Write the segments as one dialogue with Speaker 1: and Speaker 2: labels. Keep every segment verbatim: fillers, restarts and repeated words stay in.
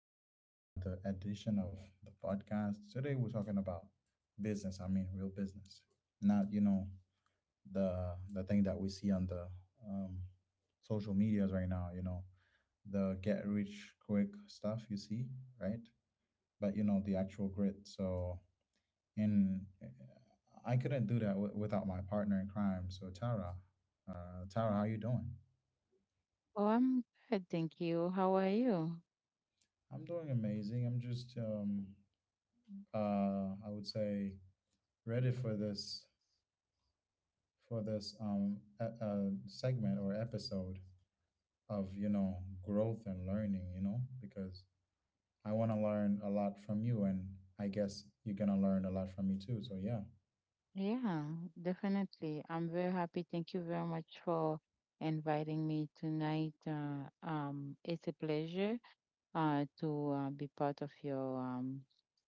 Speaker 1: back to another edition of the podcast. Today we're talking about business. I mean, real business, not you know the the thing that we see on the um, social medias right now. You know the get rich quick stuff you see, right? But you know the actual grit. So in I couldn't do that w- without my partner in crime. So Tara, uh, Tara, how you doing?
Speaker 2: Oh, I'm good, thank you. How are you?
Speaker 1: I'm doing amazing. I'm just um, uh, I would say, ready for this for this um e- uh, segment or episode of you know growth and learning. You know, because I want to learn a lot from you, and I guess you're gonna learn a lot from me too. So yeah,
Speaker 2: Yeah, definitely. I'm very happy. Thank you very much for inviting me tonight. Uh, um, it's a pleasure uh, to uh, be part of your um,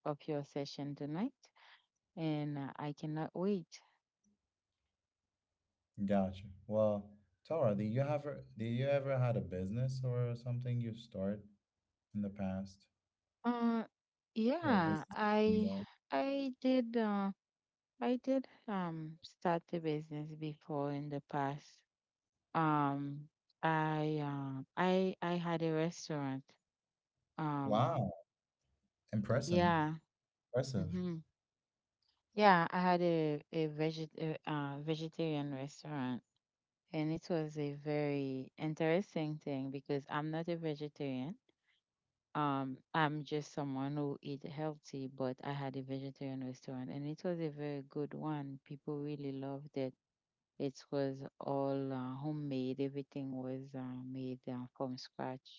Speaker 2: of your session tonight, and uh, I cannot wait.
Speaker 1: gotcha. Well, Tara, did you ever did you ever had a business or something you started in the past
Speaker 2: Uh,
Speaker 1: or a
Speaker 2: yeah,
Speaker 1: business?
Speaker 2: I
Speaker 1: Yeah.
Speaker 2: I did uh, I did um start a business before in the past. um i um i i had a restaurant. um
Speaker 1: Wow, impressive,
Speaker 2: yeah
Speaker 1: impressive.
Speaker 2: hmm yeah, I had a a veget a, uh, vegetarian restaurant, and it was a very interesting thing because I'm not a vegetarian. um I'm just someone who eat healthy, but I had a vegetarian restaurant, and it was a very good one. People really loved it. It was all uh, homemade. Everything was uh, made uh, from scratch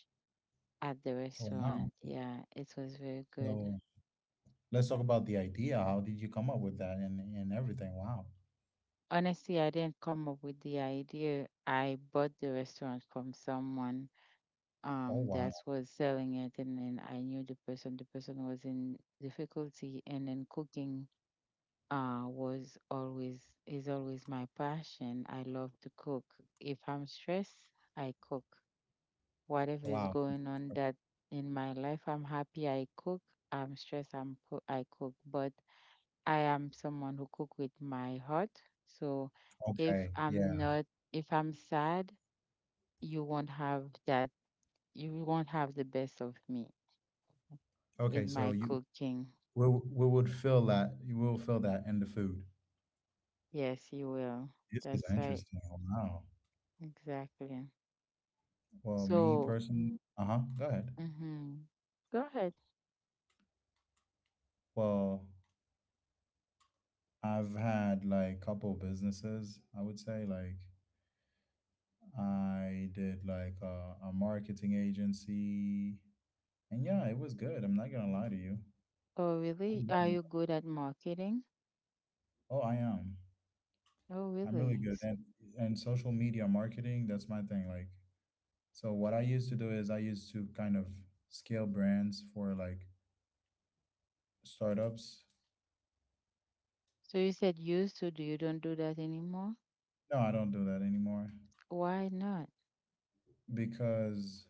Speaker 2: at the
Speaker 1: Wow.
Speaker 2: restaurant. Yeah, it was very good.
Speaker 1: So let's talk about the idea. How did you come up with that and and everything? Wow.
Speaker 2: Honestly, I didn't come up with the idea. I bought the restaurant from someone
Speaker 1: Oh
Speaker 2: um
Speaker 1: wow.
Speaker 2: that was selling it, and then I knew the person. The person was in difficulty, and then cooking uh was always, is always my passion. I love to cook. If I'm stressed, I cook. Whatever is
Speaker 1: Wow.
Speaker 2: going on that in my life, I'm happy. I cook. I'm stressed. I'm co- I cook, but I am someone who cook with my heart. So if
Speaker 1: Okay.
Speaker 2: I'm
Speaker 1: Yeah.
Speaker 2: not, if I'm sad, you won't have that. You won't have the best of me
Speaker 1: Okay.
Speaker 2: in
Speaker 1: So
Speaker 2: my
Speaker 1: you
Speaker 2: cooking.
Speaker 1: we we would feel that you will feel that in the food.
Speaker 2: Yes, you will.
Speaker 1: This is
Speaker 2: That's right.
Speaker 1: interesting. Wow.
Speaker 2: Exactly.
Speaker 1: Well, me
Speaker 2: So,
Speaker 1: personally. Uh huh. Go ahead.
Speaker 2: mm-hmm. Go ahead.
Speaker 1: Well, I've had like couple businesses. I would say like I did like a, a marketing agency, and yeah, it was good. I'm not gonna lie to you.
Speaker 2: Oh,
Speaker 1: I
Speaker 2: really?
Speaker 1: love
Speaker 2: Are you
Speaker 1: it.
Speaker 2: good at marketing?
Speaker 1: Oh, I am.
Speaker 2: Oh,
Speaker 1: I'm really
Speaker 2: really?
Speaker 1: good
Speaker 2: S-
Speaker 1: and and social media marketing, that's my thing. Like, so what I used to do is I used to kind of scale brands for like startups.
Speaker 2: So you said used to, do you don't do that anymore?
Speaker 1: No, I don't do that anymore
Speaker 2: Why not?
Speaker 1: because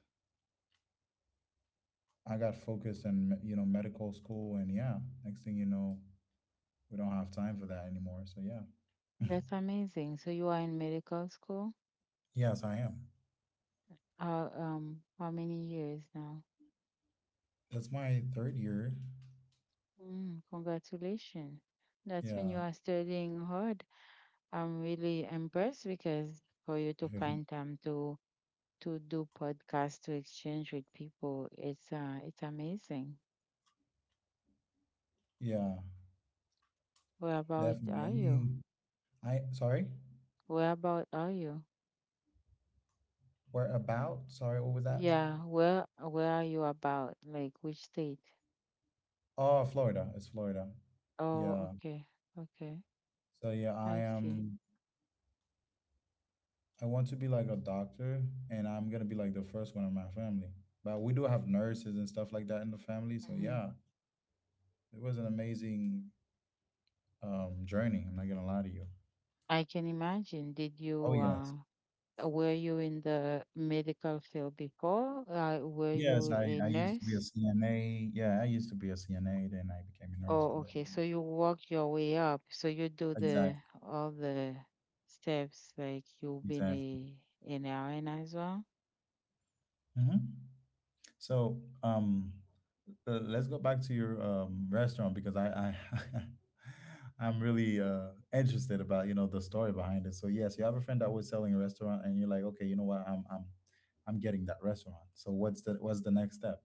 Speaker 1: I got focused in, me- you know, medical school and yeah, next thing you know, we don't have time for that anymore. So yeah.
Speaker 2: That's amazing. So you are in medical school?
Speaker 1: Yes, I am.
Speaker 2: How um how many years now?
Speaker 1: That's my third year.
Speaker 2: Mm, congratulations. That's when you
Speaker 1: Yeah.
Speaker 2: are studying hard. I'm really impressed because for you to find time to to do podcasts to exchange with people, it's uh it's amazing.
Speaker 1: Yeah,
Speaker 2: Where about
Speaker 1: definitely. I
Speaker 2: are you?
Speaker 1: mean, I sorry.
Speaker 2: Where about are you?
Speaker 1: We're about, sorry, what was that?
Speaker 2: Yeah, where where are you about? Like which state?
Speaker 1: Oh, Florida. It's Florida.
Speaker 2: Oh,
Speaker 1: Yeah.
Speaker 2: okay, okay.
Speaker 1: So yeah, I
Speaker 2: I see.
Speaker 1: am I want to be like a doctor and I'm gonna be like the first one in my family. But we do have nurses and stuff like that in the family. So
Speaker 2: Hmm.
Speaker 1: yeah, it was an amazing um journey. I'm not gonna lie to you.
Speaker 2: I can imagine. Did you
Speaker 1: Oh
Speaker 2: uh.
Speaker 1: yes.
Speaker 2: Uh, Were you in the medical field before? Uh, were
Speaker 1: Yes,
Speaker 2: you
Speaker 1: I,
Speaker 2: a
Speaker 1: I used to be a
Speaker 2: nurse?
Speaker 1: C N A. Yeah, I used to be a C N A, then I became a nurse
Speaker 2: Oh,
Speaker 1: and
Speaker 2: okay. So
Speaker 1: then
Speaker 2: you work your way up. So you do the
Speaker 1: exactly,
Speaker 2: all the steps, like you've been
Speaker 1: exactly.
Speaker 2: a an R N as well.
Speaker 1: hmm So um Uh, let's go back to your um, restaurant because I, I I'm really uh, interested about you know the story behind it. So yes, you have a friend that was selling a restaurant, and you're like, okay, you know what, I'm I'm I'm getting that restaurant. So what's the what's the next step?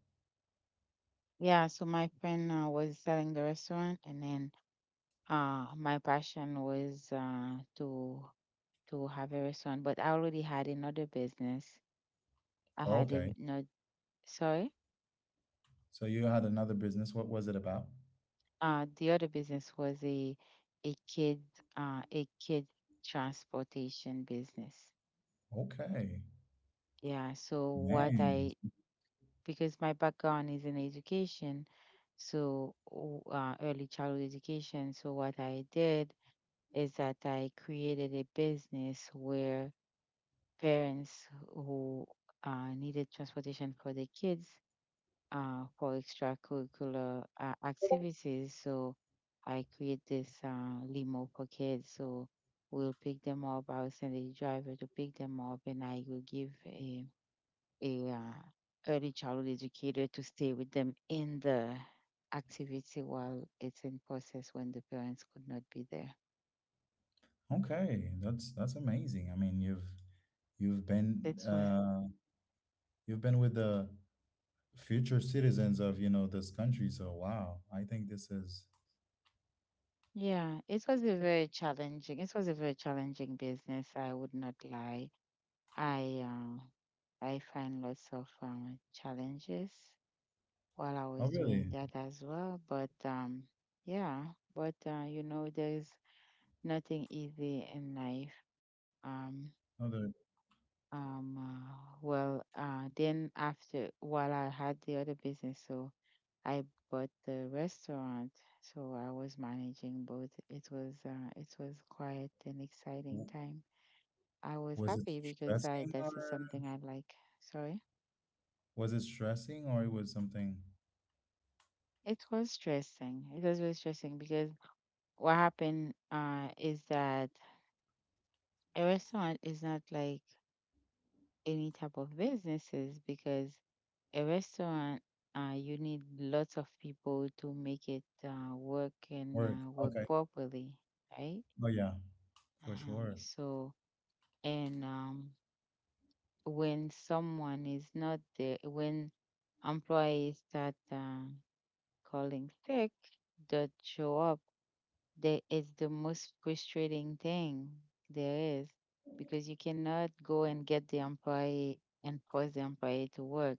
Speaker 2: Yeah. So my friend uh, was selling the restaurant, and then uh, my passion was uh, to to have a restaurant. But I already had another business. I had a
Speaker 1: Okay,
Speaker 2: no. Sorry.
Speaker 1: so you had another business. What was it about?
Speaker 2: Uh, the other business was a a kid uh, a kid transportation business.
Speaker 1: Okay,
Speaker 2: Yeah. So what
Speaker 1: man.
Speaker 2: I, because my background is in education, so o- uh, early childhood education. So what I did is that I created a business where parents who uh, needed transportation for their kids uh, for extracurricular uh, activities. So I create this uh, limo for kids. So we'll pick them up. I'll send a driver to pick them up, and I will give a a uh, early childhood educator to stay with them in the activity while it's in process when the parents could not be there.
Speaker 1: Okay, that's that's amazing. I mean, you've you've been
Speaker 2: That's why.
Speaker 1: uh, you've been with the future citizens of you know this country. So wow, I think this is.
Speaker 2: Yeah, it was a very challenging. It was a very challenging business. I would not lie. I uh, I find lots of um, challenges while I
Speaker 1: Oh
Speaker 2: was doing
Speaker 1: really?
Speaker 2: that as well. But um, yeah, but uh, you know, there's nothing easy in life. Um,
Speaker 1: No, the,
Speaker 2: um, uh, well, uh, then after while I had the other business, so I bought the restaurant. So I was managing both. It was uh, it was quite an exciting
Speaker 1: w-
Speaker 2: time. I was
Speaker 1: was it
Speaker 2: happy because I,
Speaker 1: stressing
Speaker 2: that's
Speaker 1: or
Speaker 2: something I like. Sorry.
Speaker 1: was it stressing or it was something
Speaker 2: It was stressing. It was really stressing because what happened uh is that a restaurant is not like any type of businesses, because a restaurant uh you need lots of people to make it uh work and
Speaker 1: work?
Speaker 2: uh, work
Speaker 1: Okay.
Speaker 2: properly, right?
Speaker 1: Oh yeah, for
Speaker 2: Uh-huh.
Speaker 1: sure.
Speaker 2: So and um when someone is not there, when employees start uh, calling sick, that show up. That is the most frustrating thing there is, because you cannot go and get the employee and force the employee to work.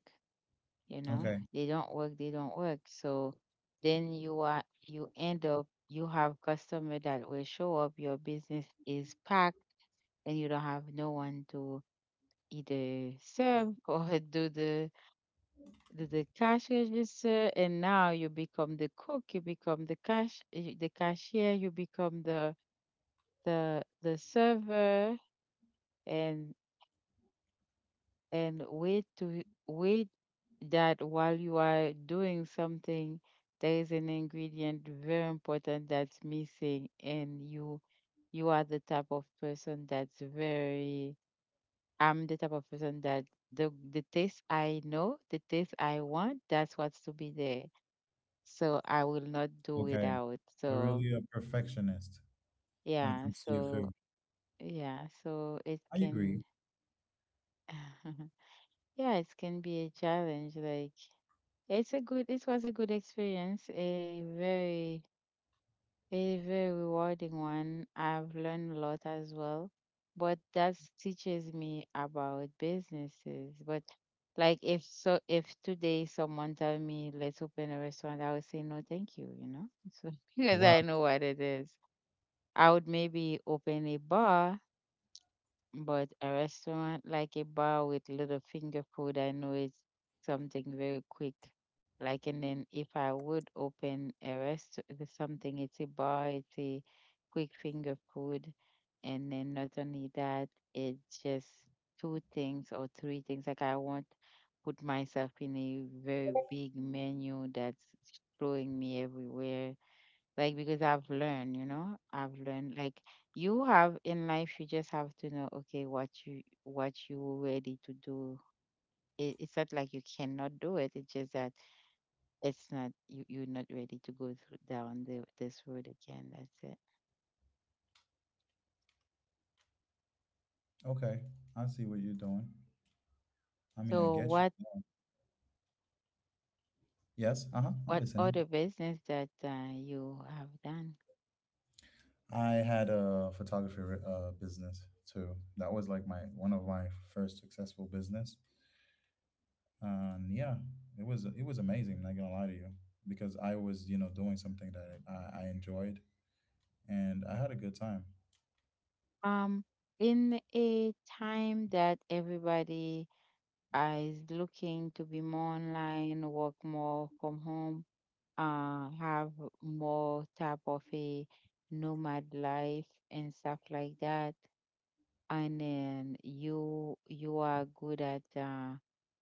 Speaker 2: You know,
Speaker 1: Okay.
Speaker 2: they don't work, they don't work. So then you are, you end up, you have customer that will show up, your business is packed, and you don't have no one to either serve or do the do the cash register, and now you become the cook, you become the cash eh, the cashier, you become the the the server, and and wait to wait that while you are doing something, there is an ingredient very important that's missing, and you you are the type of person that's very, I'm the type of person that the the taste I know, the taste I want, that's what's to be there. So I will not do
Speaker 1: Okay.
Speaker 2: without.
Speaker 1: You're
Speaker 2: So
Speaker 1: really a perfectionist when it
Speaker 2: yeah,
Speaker 1: comes to your food.
Speaker 2: so yeah, so it
Speaker 1: I agree.
Speaker 2: can yeah, it can be a challenge. Like, it's a good, it was a good experience, a very a very rewarding one. I've learned a lot as well. But that teaches me about businesses. But like, if so if today someone tell me let's open a restaurant, I would say no, thank you, you know? So because
Speaker 1: Wow.
Speaker 2: I know what it is. I would maybe open a bar, but a restaurant, like a bar with little finger food, I know, it's something very quick. Like, and then if I would open a rest, there's something, it's a bar, it's a quick finger food. And then not only that, it's just two things or three things. Like, I won't put myself in a very big menu that's throwing me everywhere. Like, because I've learned, you know, I've learned, like, you have in life, you just have to know, okay, what you, what you ready to do. It, it's not like you cannot do it. It's just that it's not you. You're not ready to go through, down the, this road again. That's it.
Speaker 1: Okay. I see what you're doing. I mean, I
Speaker 2: So
Speaker 1: get you.
Speaker 2: what
Speaker 1: Yes. Uh-huh. I'm
Speaker 2: what
Speaker 1: listening.
Speaker 2: other business that uh, you have done?
Speaker 1: I had a photography uh, business too. That was like my one of my first successful business. And yeah, it was it was amazing. I'm not gonna lie to you because I was, you know, doing something that i, I enjoyed and I had a good time.
Speaker 2: Um, in a time that everybody uh, is looking to be more online, work more from home, uh, have more type of a nomad life and stuff like that. And then you you are good at uh,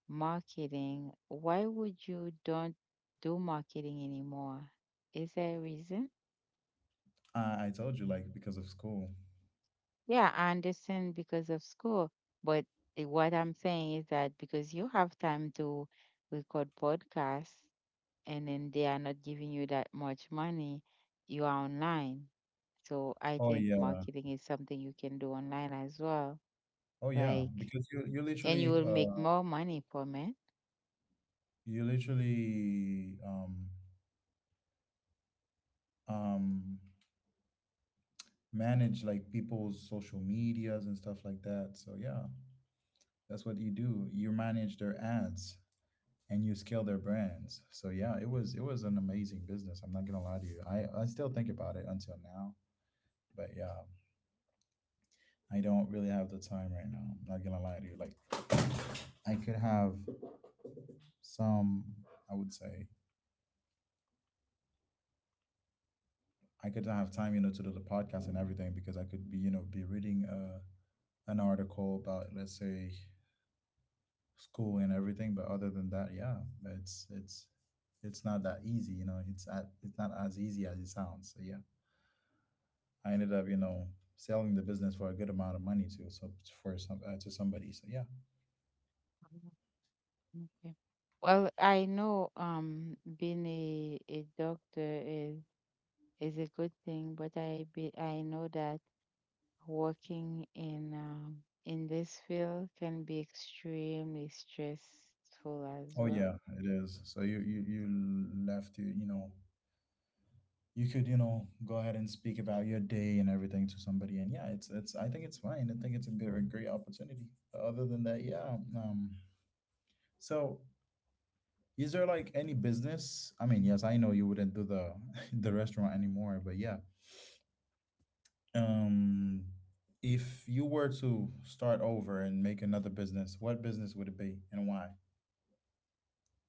Speaker 2: marketing. Why would you don't do marketing anymore? Is there a reason?
Speaker 1: I, I told you like because of school.
Speaker 2: Yeah, I understand because of school, but i- what I'm saying is that because you have time to record podcasts, and then they are not giving you that much money, you are online. So I
Speaker 1: Oh
Speaker 2: think
Speaker 1: yeah,
Speaker 2: marketing is something you can do online as well.
Speaker 1: oh yeah,
Speaker 2: Like,
Speaker 1: because you you
Speaker 2: and you
Speaker 1: literally
Speaker 2: will
Speaker 1: uh
Speaker 2: make more money from it.
Speaker 1: you literally um um manage like people's social medias and stuff like that. So yeah, that's what you do. You manage their ads and you scale their brands. So yeah, it was it was an amazing business. I'm not gonna lie to you. I i still think about it until now. But yeah, I don't really have the time right now. I'm not gonna lie to you. Like I could have some, I would say, I could have time, you know, to do the podcast and everything because I could be, you know, be reading uh, an article about, let's say, school and everything. But other than that, yeah, it's it's it's not that easy, you know. It's at, it's not as easy as it sounds. So yeah, I ended up, you know, selling the business for a good amount of money to so for some uh, to somebody. So yeah.
Speaker 2: Mhm. Okay. Well, I know um being a, a doctor is is a good thing, but I be, I know that working in um in this field can be extremely stressful as
Speaker 1: Oh
Speaker 2: well.
Speaker 1: yeah, it is. So you you you left to, you know, you could, you know, go ahead and speak about your day and everything to somebody. And yeah, it's it's, I think it's fine. I think it's a great, great opportunity. Other than that, yeah, um so is there like any business? I mean, yes, I know you wouldn't do the the restaurant anymore. But yeah, um if you were to start over and make another business, what business would it be and why?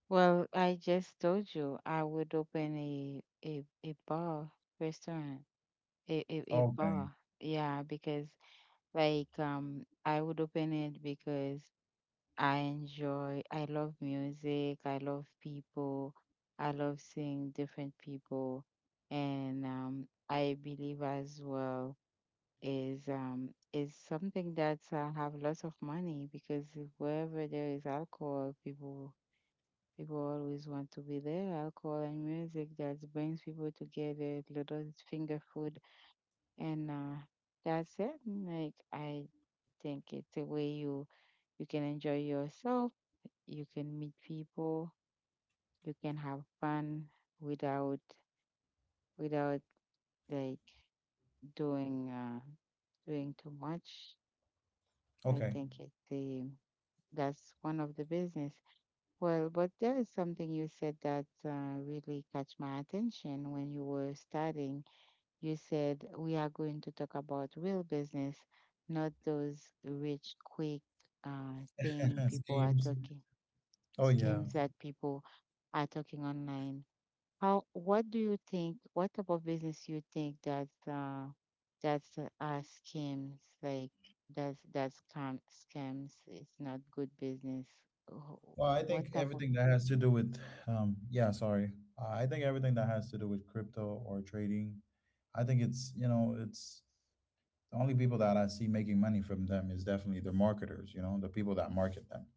Speaker 2: Well, I just told you, I would open a a, a bar restaurant, a, a, a
Speaker 1: Okay.
Speaker 2: bar. Yeah, because like um I would open it because I enjoy, I love music, I love people, I love seeing different people, and um I believe as well is um is something that uh, have lots of money, because wherever there is alcohol, people people always want to be there. Alcohol and music, that brings people together. Little finger food and uh, that's it. Like, I think it's a way you you can enjoy yourself, you can meet people, you can have fun without without like doing uh, doing too much. I
Speaker 1: Okay.
Speaker 2: think it's the, that's one of the business. Well, but there is something you said that uh, really catch my attention when you were studying. You said we are going to talk about real business, not those rich, quick uh, thing people are
Speaker 1: Schemes.
Speaker 2: talking,
Speaker 1: Oh yeah.
Speaker 2: schemes that people are talking online. How? What do you think? What type of business you think that uh, that's uh, are schemes, like that's that's scam scams? It's not good business. Wh-
Speaker 1: Well, I
Speaker 2: What
Speaker 1: think
Speaker 2: type of,
Speaker 1: everything that has to do with, um, yeah, sorry. Uh, I think everything that has to do with crypto or trading, I think it's, you know, it's the only people that I see making money from them is definitely the marketers, you know, the people that market them.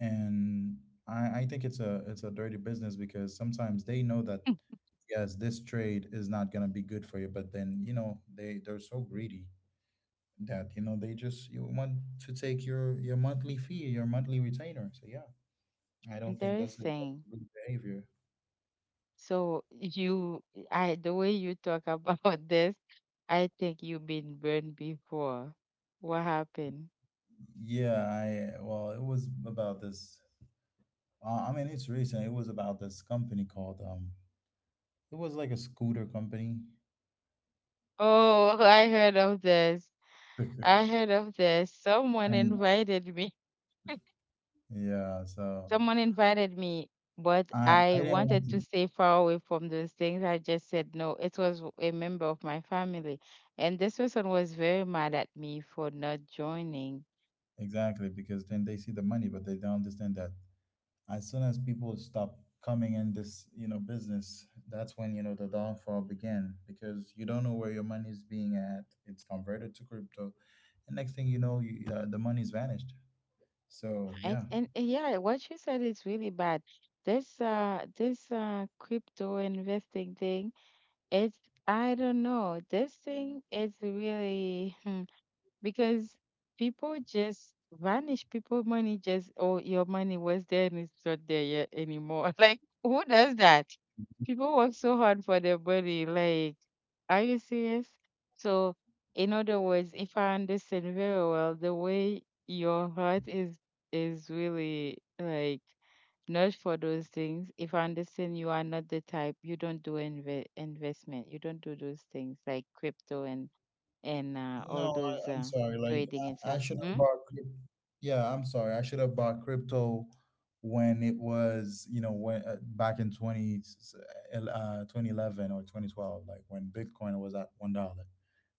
Speaker 1: And I, I think it's a it's a dirty business because sometimes they know that yes, this trade is not gonna be good for you, but then, you know, they they're so greedy that, you know, they just you want to take your your monthly fee, your monthly retainer. So yeah. I don't think that's a
Speaker 2: interesting?
Speaker 1: good behavior.
Speaker 2: So you, I, the way you talk about this, I think you've been burned before. What happened?
Speaker 1: Yeah, I well, it was about this. Uh, I mean, it's recent. It was about this company called um, it was like a scooter company,
Speaker 2: Oh, I heard of this. I heard of this. Someone
Speaker 1: and
Speaker 2: invited me.
Speaker 1: yeah, so
Speaker 2: Someone invited me, but
Speaker 1: I I
Speaker 2: I
Speaker 1: didn't want
Speaker 2: wanted to
Speaker 1: to
Speaker 2: stay far away from those things. I just said no. It was a member of my family. And this person was very mad at me for not joining.
Speaker 1: exactly because then they see the money, but they don't understand that as soon as people stop coming in this you know business, that's when you know the downfall began because you don't know where your money is being at. It's converted to crypto, and next thing you know, you, uh, the money's vanished. So
Speaker 2: And,
Speaker 1: yeah.
Speaker 2: and and yeah, what you said is really bad. This uh this uh crypto investing thing, it's, I don't know. This thing is really, because people just vanish. People money just, oh, your money was there, and it's not there yet anymore. Like, who does that? People work so hard for their money. Like, are you serious? So in other words, if I understand very well, the way your heart is is really like not for those things. If I understand, you are not the type, you don't do inve investment. You don't do those things like crypto and and uh, all
Speaker 1: No, I,
Speaker 2: those
Speaker 1: I'm
Speaker 2: uh,
Speaker 1: sorry. Like
Speaker 2: trading and
Speaker 1: I, I
Speaker 2: stuff.
Speaker 1: should have
Speaker 2: Mm?
Speaker 1: bought crypto. Yeah, I'm sorry. I should have bought crypto when it was, you know, when uh, back in twenty, uh, twenty eleven or twenty twelve, like when Bitcoin was at one dollar.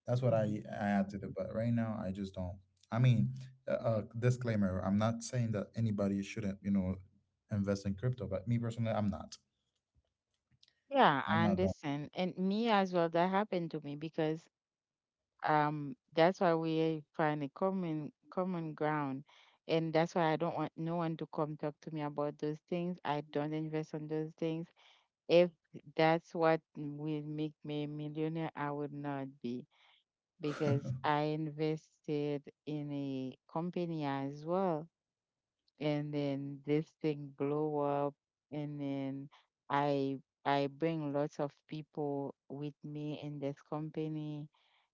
Speaker 1: That's what
Speaker 2: Hmm.
Speaker 1: I, I had to do. But right now, I just don't. I mean, uh, uh, disclaimer, I'm not saying that anybody shouldn't, you know, invest in crypto, but me personally, I'm not.
Speaker 2: Yeah,
Speaker 1: I'm
Speaker 2: I
Speaker 1: not
Speaker 2: understand. And me as well, that happened to me because um, that's why we find a common common ground. And that's why I don't want no one to come talk to me about those things. I don't invest on those things. If that's what will make me a millionaire, I would not be because
Speaker 1: done.
Speaker 2: I invested in a company as well, and then this thing blow up, and then i i bring lots of people with me in this company,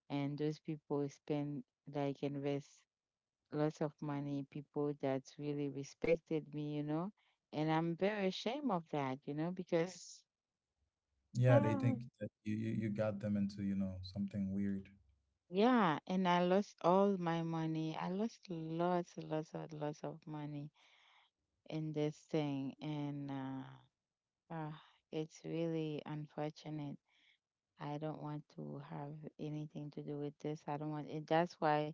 Speaker 2: and those people spend, like, invest lots of money, people that really respected me you know and i'm very ashamed of that you know because
Speaker 1: Yeah, they think that you, you, you got them into, you know, something weird.
Speaker 2: yeah, and i lost all my money. I lost lots lots of lots of money in this thing, and uh, uh it's really unfortunate. I don't want to have anything to do with this. I don't want it. That's why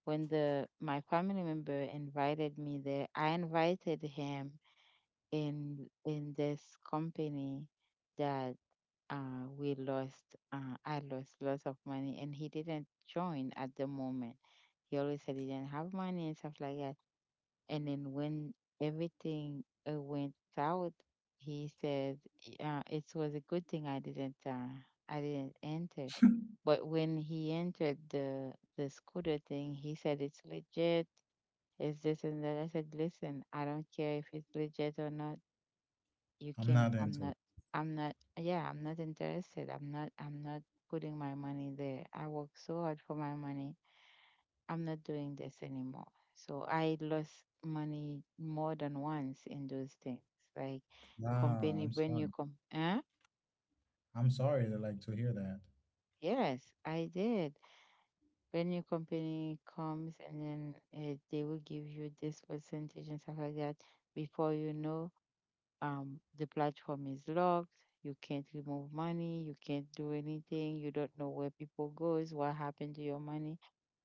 Speaker 2: when the my family member invited me there, I invited him in in this company that uh we lost uh I lost lots of money, and he didn't join at the moment. He always said he didn't have money and stuff like that. And then when everything uh, went south, he said, uh, "It was a good thing I didn't, uh, I didn't enter." But when he entered the the scooter thing, he said, "It's legit. It's this and that." I said, "Listen, I don't care if it's legit or not. You
Speaker 1: I'm
Speaker 2: can.
Speaker 1: not
Speaker 2: I'm
Speaker 1: into
Speaker 2: not.
Speaker 1: it.
Speaker 2: I'm not. Yeah, I'm not interested. I'm not. I'm not." Putting my money there. I work so hard for my money. I'm not doing this anymore. So I lost money more than once in those things. Like,
Speaker 1: Ah,
Speaker 2: company
Speaker 1: I'm
Speaker 2: brand new
Speaker 1: sorry.
Speaker 2: com huh?
Speaker 1: I'm sorry to like to hear that.
Speaker 2: Yes, I did. Brand new company comes, and then uh, they will give you this percentage and stuff like that. Before you know, um, the platform is locked. You can't remove money. You can't do anything. You don't know where people goes. What happened to your money?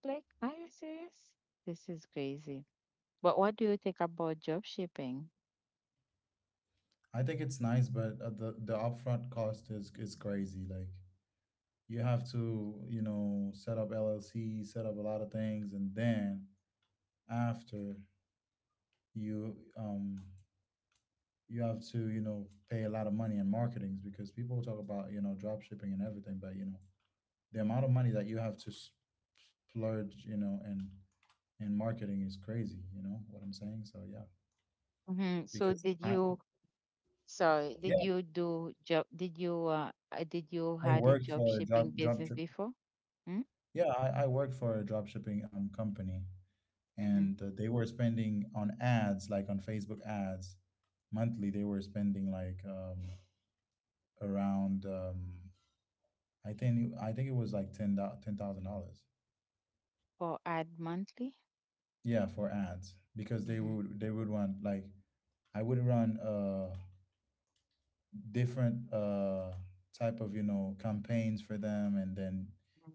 Speaker 2: Like, are you serious? This is crazy. But what do you think about job shipping?
Speaker 1: I think it's nice, but uh, the the upfront cost is is crazy. Like you have to, you know, set up L L C, set up a lot of things, and then after you um you have to, you know, pay a lot of money in marketings because people talk about, you know, drop shipping and everything, but you know, the amount of money that you have to splurge, you know, and and marketing is crazy, you know what I'm saying? So yeah.
Speaker 2: hmm So
Speaker 1: Because
Speaker 2: did
Speaker 1: I,
Speaker 2: you, sorry, did
Speaker 1: yeah.
Speaker 2: you do job, did you, uh, uh, did you
Speaker 1: I
Speaker 2: had a
Speaker 1: worked
Speaker 2: job
Speaker 1: for a drop
Speaker 2: shipping
Speaker 1: drop
Speaker 2: business
Speaker 1: ship.
Speaker 2: before?
Speaker 1: Yeah, I, I worked for a drop shipping um company,
Speaker 2: Mm-hmm.
Speaker 1: and uh, they were spending on ads, like on Facebook ads, monthly. They were spending like um around um I think I think it was like ten ten thousand dollars.
Speaker 2: Or ad monthly?
Speaker 1: Yeah, for ads because they
Speaker 2: Mm-hmm.
Speaker 1: would they would want like I would run uh different uh type of, you know, campaigns for them, and then,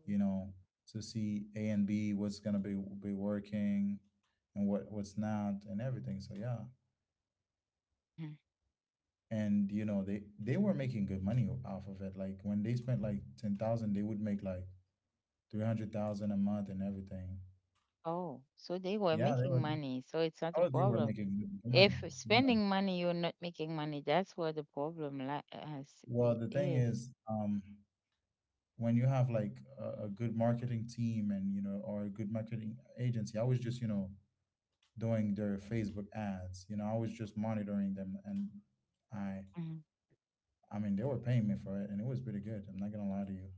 Speaker 1: you know, to see A and B what's going to be be working and what what's not and everything, so yeah.
Speaker 2: Mhm.
Speaker 1: And you know, they they were making good money off of it, like when they spent like ten thousand, they would make like three hundred thousand a month and everything.
Speaker 2: Oh, so they were
Speaker 1: Yeah, they
Speaker 2: making
Speaker 1: were.
Speaker 2: money, so it's not a
Speaker 1: Oh, they were
Speaker 2: problem.
Speaker 1: making good money,
Speaker 2: If
Speaker 1: yeah.
Speaker 2: spending money, you're not making money, that's where the problem li- is.
Speaker 1: Well, the thing
Speaker 2: is.
Speaker 1: is, um when you have like a, a good marketing team, and you know, or a good marketing agency. I was just, you know, doing their Facebook ads, you know, I was just monitoring them, and i
Speaker 2: Mhm,
Speaker 1: I mean, they were paying me for it and it was pretty good. I'm not gonna lie to you.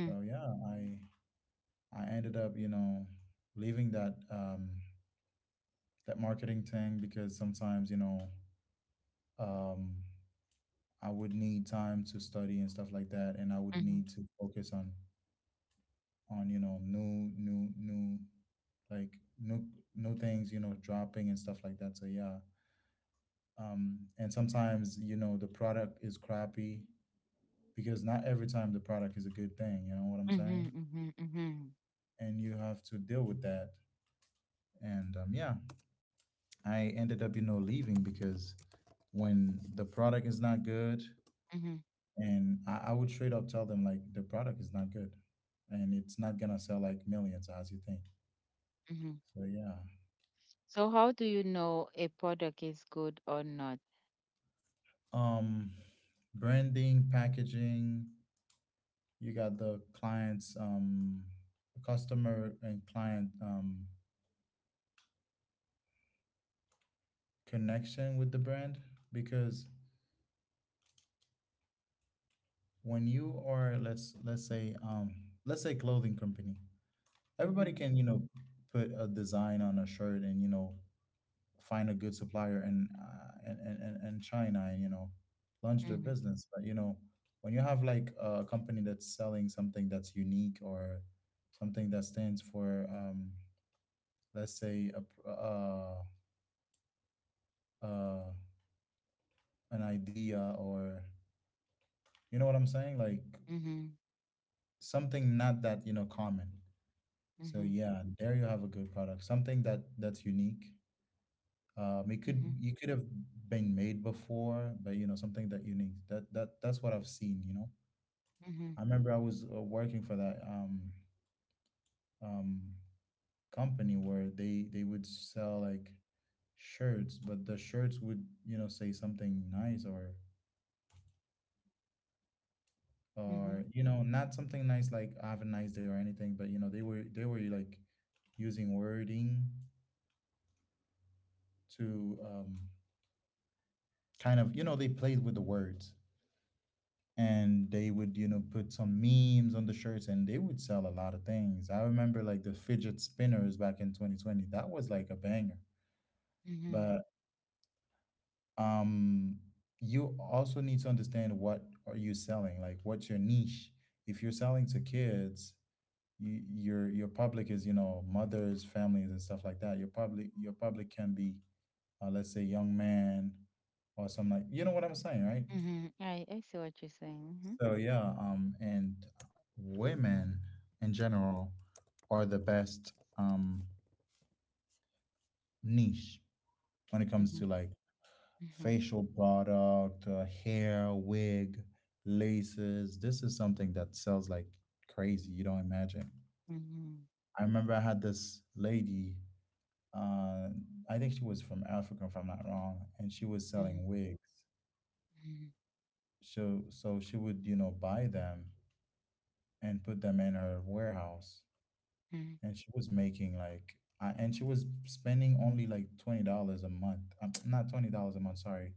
Speaker 1: So yeah, i i ended up, you know, leaving that um that marketing thing, because sometimes, you know, um I would need time to study and stuff like that, and I would
Speaker 2: mhm,
Speaker 1: need to focus on on you know, new new new like new new things, you know, dropping and stuff like that, so yeah. Um and sometimes, you know, the product is crappy because not every time the product is a good thing, you know what I'm
Speaker 2: mhm,
Speaker 1: saying,
Speaker 2: mhm, mhm,
Speaker 1: and you have to deal with that. And um yeah, I ended up, you know, leaving because when the product is not good,
Speaker 2: mhm,
Speaker 1: and i, I would straight up tell them like the product is not good, and it's not gonna sell like millions as you think,
Speaker 2: mhm.
Speaker 1: so yeah.
Speaker 2: So how do you know a product is good or not?
Speaker 1: Um branding, packaging. You got the client's, um, customer and client, um, connection with the brand. Because when you are, let's let's say um, let's say, clothing company, everybody
Speaker 2: Mhm,
Speaker 1: can, you know, put a design on a shirt and, you know, find a good supplier and uh, and, and and and China, and, you know, launch their
Speaker 2: mhm,
Speaker 1: business. But you know, when you have like a company that's selling something that's unique, or something that stands for, um, let's say, a, pr- uh, uh, an idea, or, you know what I'm saying? Like,
Speaker 2: mhm,
Speaker 1: something not that, you know, common. So
Speaker 2: mhm,
Speaker 1: yeah, there you have a good product, something that that's unique. Um, it
Speaker 2: mhm,
Speaker 1: could you could have been made before, but you know, something that unique. That that that's what I've seen, you know.
Speaker 2: mhm,
Speaker 1: I remember I was, uh, working for that um um company where they they would sell like shirts, but the shirts would, you know, say something nice, or
Speaker 2: mhm,
Speaker 1: or you know, not something nice like "have a nice day" or anything, but you know, they were they were like using wording to, um kind of, you know, they played with the words, and they would, you know, put some memes on the shirts, and they would sell a lot of things. I remember like the fidget spinners back in twenty twenty. That was like a banger.
Speaker 2: mhm, mhm,
Speaker 1: But um you also need to understand, what are you selling, like what's your niche? If you're selling to kids, you your your public is, you know, mothers, families, and stuff like that. Your public your public can be, uh, let's say, young man, or something. Like, you know what I'm saying, right?
Speaker 2: mhm. I I see what you're saying.
Speaker 1: So yeah, um and women, in general, are the best, um niche, when it
Speaker 2: Mhm,
Speaker 1: comes to like
Speaker 2: mhm, mhm,
Speaker 1: facial product, uh, hair, wig, laces. This is something that sells like crazy. You don't imagine.
Speaker 2: mhm,
Speaker 1: I remember I had this lady. Uh, I think she was from Africa, if I'm not wrong, and she was selling
Speaker 2: mhm,
Speaker 1: wigs.
Speaker 2: mhm,
Speaker 1: So, so, she would, you know, buy them and put them in her warehouse,
Speaker 2: mhm,
Speaker 1: and she was making like, I, and she was spending only like twenty dollars a month. Um, not twenty dollars a month. Sorry,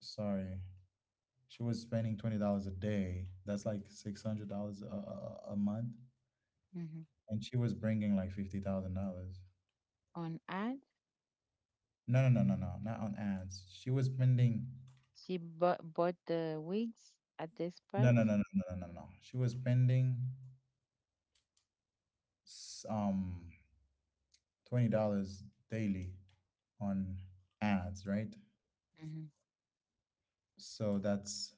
Speaker 1: sorry. She was spending twenty dollars a day. That's like six hundred dollars a, a a month,
Speaker 2: mhm.
Speaker 1: and she was bringing like fifty thousand dollars.
Speaker 2: On ad,
Speaker 1: No, no, no, no, no, not on ads. She was spending.
Speaker 2: she bought bought the wigs at this
Speaker 1: No, no,
Speaker 2: price.
Speaker 1: no, no, no, no, no, no. She was spending s- um twenty dollars daily on ads, right?
Speaker 2: Mhm,
Speaker 1: So that's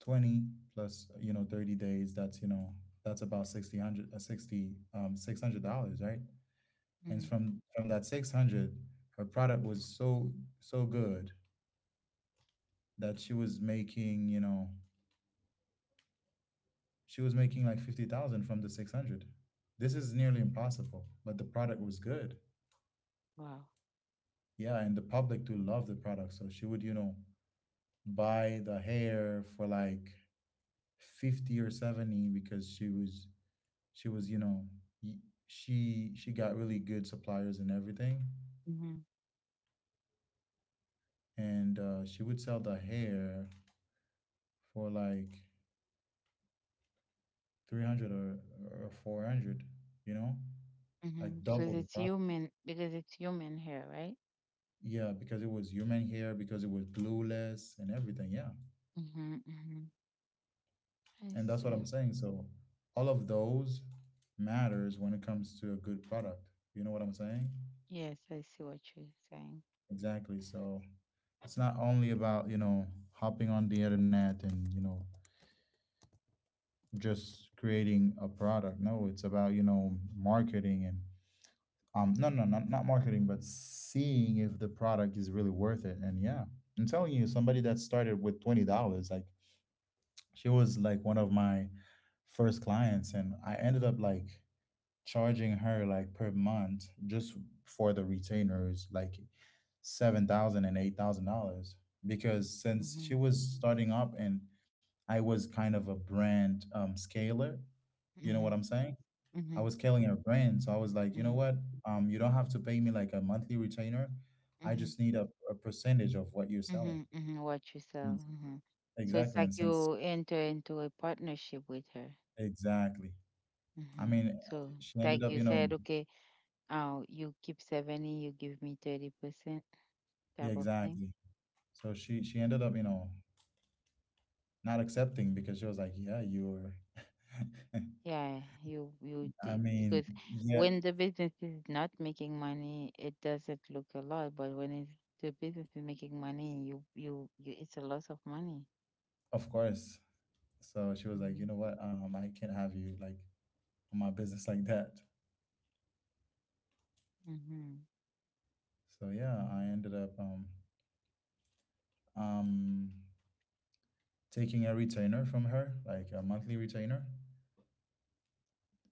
Speaker 1: twenty plus, you know, thirty days. That's, you know, that's about sixty hundred, uh, sixty, um six hundred dollars, right? And
Speaker 2: mhm.
Speaker 1: from from that six hundred, her product was so so good that she was making you know she was making like fifty thousand from the six hundred. This is nearly impossible, but the product was good.
Speaker 2: Wow.
Speaker 1: Yeah, and the public do love the product, so she would, you know, buy the hair for like fifty or seventy, because she was she was, you know, y- she she got really good suppliers and everything.
Speaker 2: Mhm,
Speaker 1: And uh, she would sell the hair for like three hundred, or, or four hundred, you know, like
Speaker 2: mhm. Because
Speaker 1: double the
Speaker 2: it's
Speaker 1: profit.
Speaker 2: human. Because it's human hair, right?
Speaker 1: Yeah, because it was human hair, because it was glueless and everything, yeah.
Speaker 2: Mhm, mhm. I
Speaker 1: And that's what
Speaker 2: see.
Speaker 1: I'm saying. So all of those matters when it comes to a good product, you know what I'm saying.
Speaker 2: Yes, I see what you're saying.
Speaker 1: Exactly. So it's not only about, you know, hopping on the internet and, you know, just creating a product. No, it's about, you know, marketing and um no, no, not, not marketing, but seeing if the product is really worth it. And yeah. I'm telling you, somebody that started with twenty dollars, like, she was like one of my first clients, and I ended up like charging her, like, per month, just for the retainers, like seven thousand and eight thousand dollars, because since she
Speaker 2: Mhm,
Speaker 1: was starting up, and I was kind of a brand um scaler, you know what
Speaker 2: mhm,
Speaker 1: I'm saying? I
Speaker 2: mhm,
Speaker 1: was scaling her brand, so I was like, you know
Speaker 2: mhm,
Speaker 1: what? Um, you don't have to pay me like a monthly retainer. I
Speaker 2: mhm,
Speaker 1: just need a, a percentage of what you're selling.
Speaker 2: mhm, mhm. Watch yourself.
Speaker 1: Ex-
Speaker 2: Mhm. So it's
Speaker 1: Exactly,
Speaker 2: like
Speaker 1: and since,
Speaker 2: you enter into a partnership with her.
Speaker 1: exactly, I
Speaker 2: hmm
Speaker 1: mean,
Speaker 2: So
Speaker 1: she
Speaker 2: like
Speaker 1: ended
Speaker 2: you
Speaker 1: up, you know,
Speaker 2: said, okay, uh, you keep seventy, you give me thirty percent
Speaker 1: yeah,
Speaker 2: type of thing.
Speaker 1: exactly. So she she ended
Speaker 2: Mhm.
Speaker 1: up, you know, not accepting, because she was like, "Yeah, you're."
Speaker 2: Yeah, you you did,
Speaker 1: I
Speaker 2: because
Speaker 1: mean, yeah,
Speaker 2: when the business is not making money, it doesn't look a lot, but when it's, the business is making money, you you, you it's a loss of money.
Speaker 1: of course. So she was like,
Speaker 2: Mm-hmm.
Speaker 1: "You know what? Um, I can't have you like on my business like that."
Speaker 2: Mm-hmm.
Speaker 1: So yeah, I ended up um um taking a retainer from her, like a monthly retainer,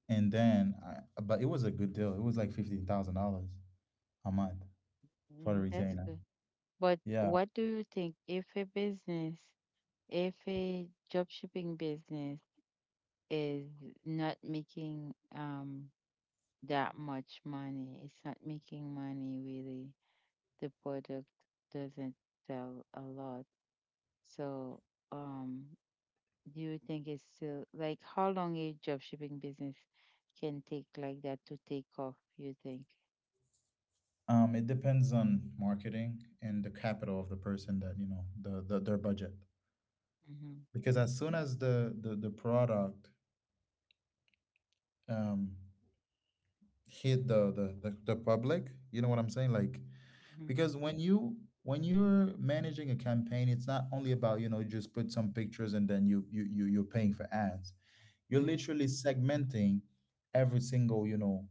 Speaker 1: and then I, but it was a good deal. It was like fifteen thousand dollars a month for the
Speaker 2: That's
Speaker 1: retainer.
Speaker 2: good. But
Speaker 1: Yeah.
Speaker 2: what do you think if a business, if a job shipping business is not making um that much money, it's not making money really, the product doesn't sell a lot. So, um, do you think it's still, like, how long a job shipping business can take like that to take off, you think?
Speaker 1: Um, it depends on marketing and the capital of the person that, you know, the, the, their budget.
Speaker 2: Mhm,
Speaker 1: Because as soon as the the, the product um hit the, the the the public, you know what I'm saying? Like,
Speaker 2: mhm,
Speaker 1: because when you when you're managing a campaign, it's not only about, you know, just put some pictures, and then you you, you you're paying for ads. You're
Speaker 2: mhm,
Speaker 1: literally segmenting every single, you know,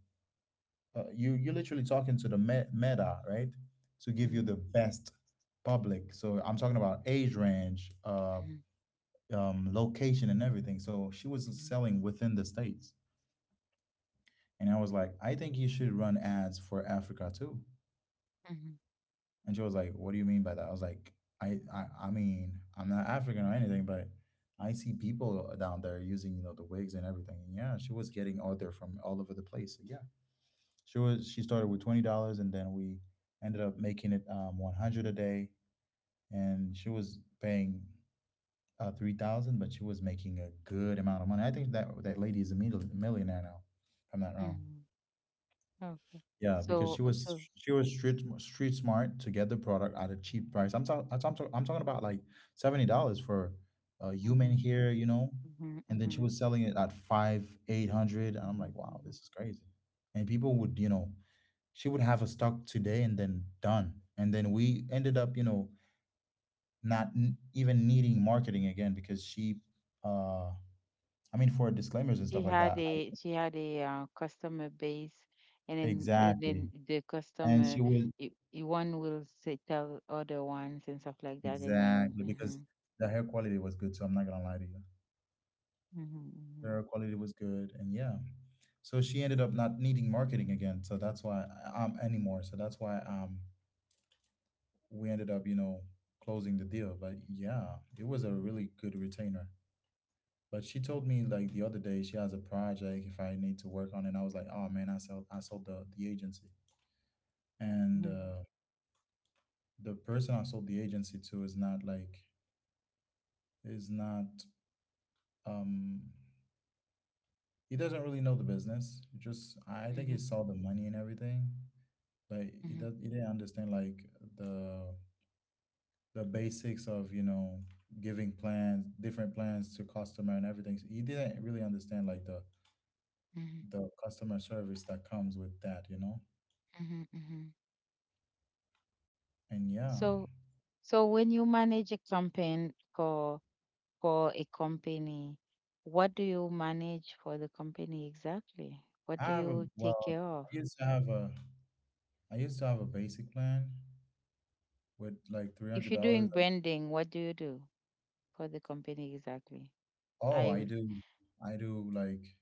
Speaker 1: uh, you you're literally talking to the me- meta, right, to give you
Speaker 2: mhm,
Speaker 1: the best public. So I'm talking about age range, uh
Speaker 2: mhm,
Speaker 1: um location, and everything. So she was selling within the States. And I was like, I think you should run ads for Africa too.
Speaker 2: mhm,
Speaker 1: And she was like, "What do you mean by that?" I was like, I, I, I mean, I'm not African or anything, but I see people down there using, you know, the wigs and everything. And yeah, she was getting order from all over the place. So yeah, she was. She started with twenty dollars, and then we ended up making it, um, one hundred a day. And she was paying, uh, three thousand, but she was making a good amount of money. I think that that lady is a mil- millionaire now, if I'm not
Speaker 2: mhm,
Speaker 1: wrong.
Speaker 2: mhm. Okay.
Speaker 1: Yeah, because
Speaker 2: So,
Speaker 1: she was
Speaker 2: so
Speaker 1: she was street sm- street smart to get the product at a cheap price. I'm talking I'm talking I'm talking
Speaker 2: Mhm,
Speaker 1: about like seventy dollars for a human
Speaker 2: mhm,
Speaker 1: hair, you know,
Speaker 2: mhm,
Speaker 1: and then she
Speaker 2: mhm,
Speaker 1: was selling it at five, eight hundred, and I'm like,
Speaker 2: mhm,
Speaker 1: wow,
Speaker 2: mhm.
Speaker 1: this is crazy. And people would, you know, she would have a stock today and then done, and then we ended up, you know, not n- even needing marketing again, because she, uh, I mean, for disclaimers and
Speaker 2: She
Speaker 1: stuff like
Speaker 2: had
Speaker 1: that.
Speaker 2: a
Speaker 1: I,
Speaker 2: she had a uh, customer base, and then and
Speaker 1: exactly,
Speaker 2: then the
Speaker 1: and she
Speaker 2: customer,
Speaker 1: was.
Speaker 2: i- i- one will say tell other ones and stuff like that, and then
Speaker 1: Exactly, because
Speaker 2: mhm,
Speaker 1: the hair quality was good, so I'm not gonna lie to you. The
Speaker 2: mhm,
Speaker 1: hair quality was good, and yeah. So she ended up not needing marketing again, so that's why, um anymore. So that's why, um we ended up, you know, closing the deal. But yeah, it was a really good retainer. But she told me like the other day, she has a project if I need to work on it. And I was like, oh man, I sold I sold the the agency, and
Speaker 2: mhm,
Speaker 1: uh, the person I sold the agency to is not like, is not, um he doesn't really know the business. He just, I think he
Speaker 2: mhm,
Speaker 1: saw the money and everything, but he
Speaker 2: mhm,
Speaker 1: does he didn't understand like the the basics of, you know, giving plans, different plans to customer and everything. He didn't really understand like the
Speaker 2: mhm,
Speaker 1: the customer service that comes with that, you know?
Speaker 2: mhm, mhm.
Speaker 1: And yeah,
Speaker 2: So so, when you manage a campaign for for a company, what do you manage for the company exactly? What
Speaker 1: I
Speaker 2: do
Speaker 1: have a,
Speaker 2: you take
Speaker 1: well,
Speaker 2: care of?
Speaker 1: I used to have a I used to have a basic plan with like
Speaker 2: If you're doing
Speaker 1: three hundred dollars. Like,
Speaker 2: branding, what do you do for the company exactly?
Speaker 1: oh,
Speaker 2: I
Speaker 1: I
Speaker 2: will.
Speaker 1: do I do like,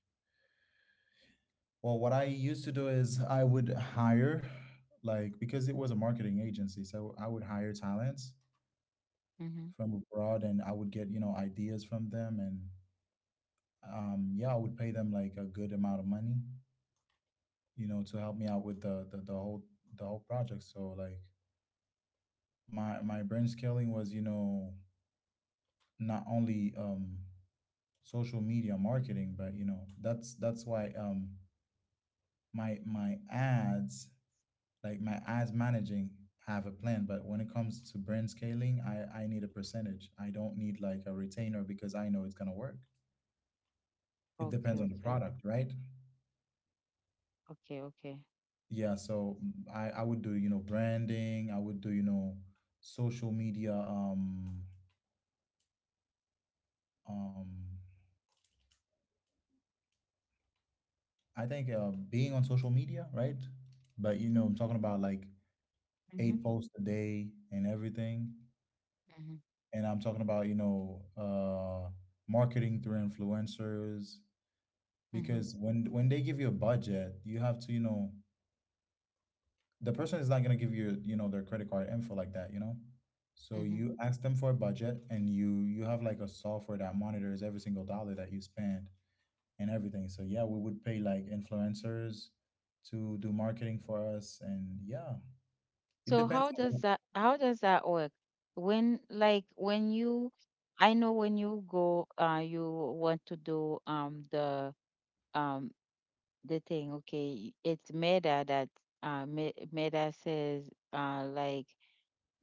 Speaker 1: well, what I used to do is I would hire, like, because it was a marketing agency, so I would hire talents
Speaker 2: Mm-hmm.
Speaker 1: from abroad, and I would get, you know, ideas from them. And um, yeah, I would pay them like a good amount of money, you know, to help me out with the, the, the whole the whole project. So like my my brand scaling was, you know, not only um social media marketing, but you know, that's that's why, um my my ads like my ads managing. I have a plan, but when it comes to brand scaling, I I need a percentage. I don't need like a retainer, because I know it's gonna work. It
Speaker 2: Okay,
Speaker 1: depends on the
Speaker 2: okay,
Speaker 1: product, right?
Speaker 2: okay, okay.
Speaker 1: Yeah, so mm, I I would do, you know, branding. I would do, you know, social media. um um I think, uh, being on social media, right? But you know, I'm talking about like
Speaker 2: Mm-hmm,
Speaker 1: eight posts a day and everything.
Speaker 2: mm-hmm,
Speaker 1: And I'm talking about, you know, uh marketing through influencers,
Speaker 2: mm-hmm,
Speaker 1: because when when they give you a budget, you have to, you know, the person is not going to give you, you know, their credit card info like that, you know? So
Speaker 2: mm-hmm.
Speaker 1: you ask them for a budget, and you you have like a software that monitors every single dollar that you spend and everything. So yeah, we would pay like influencers to do marketing for us, and yeah, it
Speaker 2: So
Speaker 1: depends
Speaker 2: how does
Speaker 1: on.
Speaker 2: that how does that work? When like when you, I know when you go, uh, you want to do um the um the thing. Okay, it's Meta that uh Me- Meta says uh like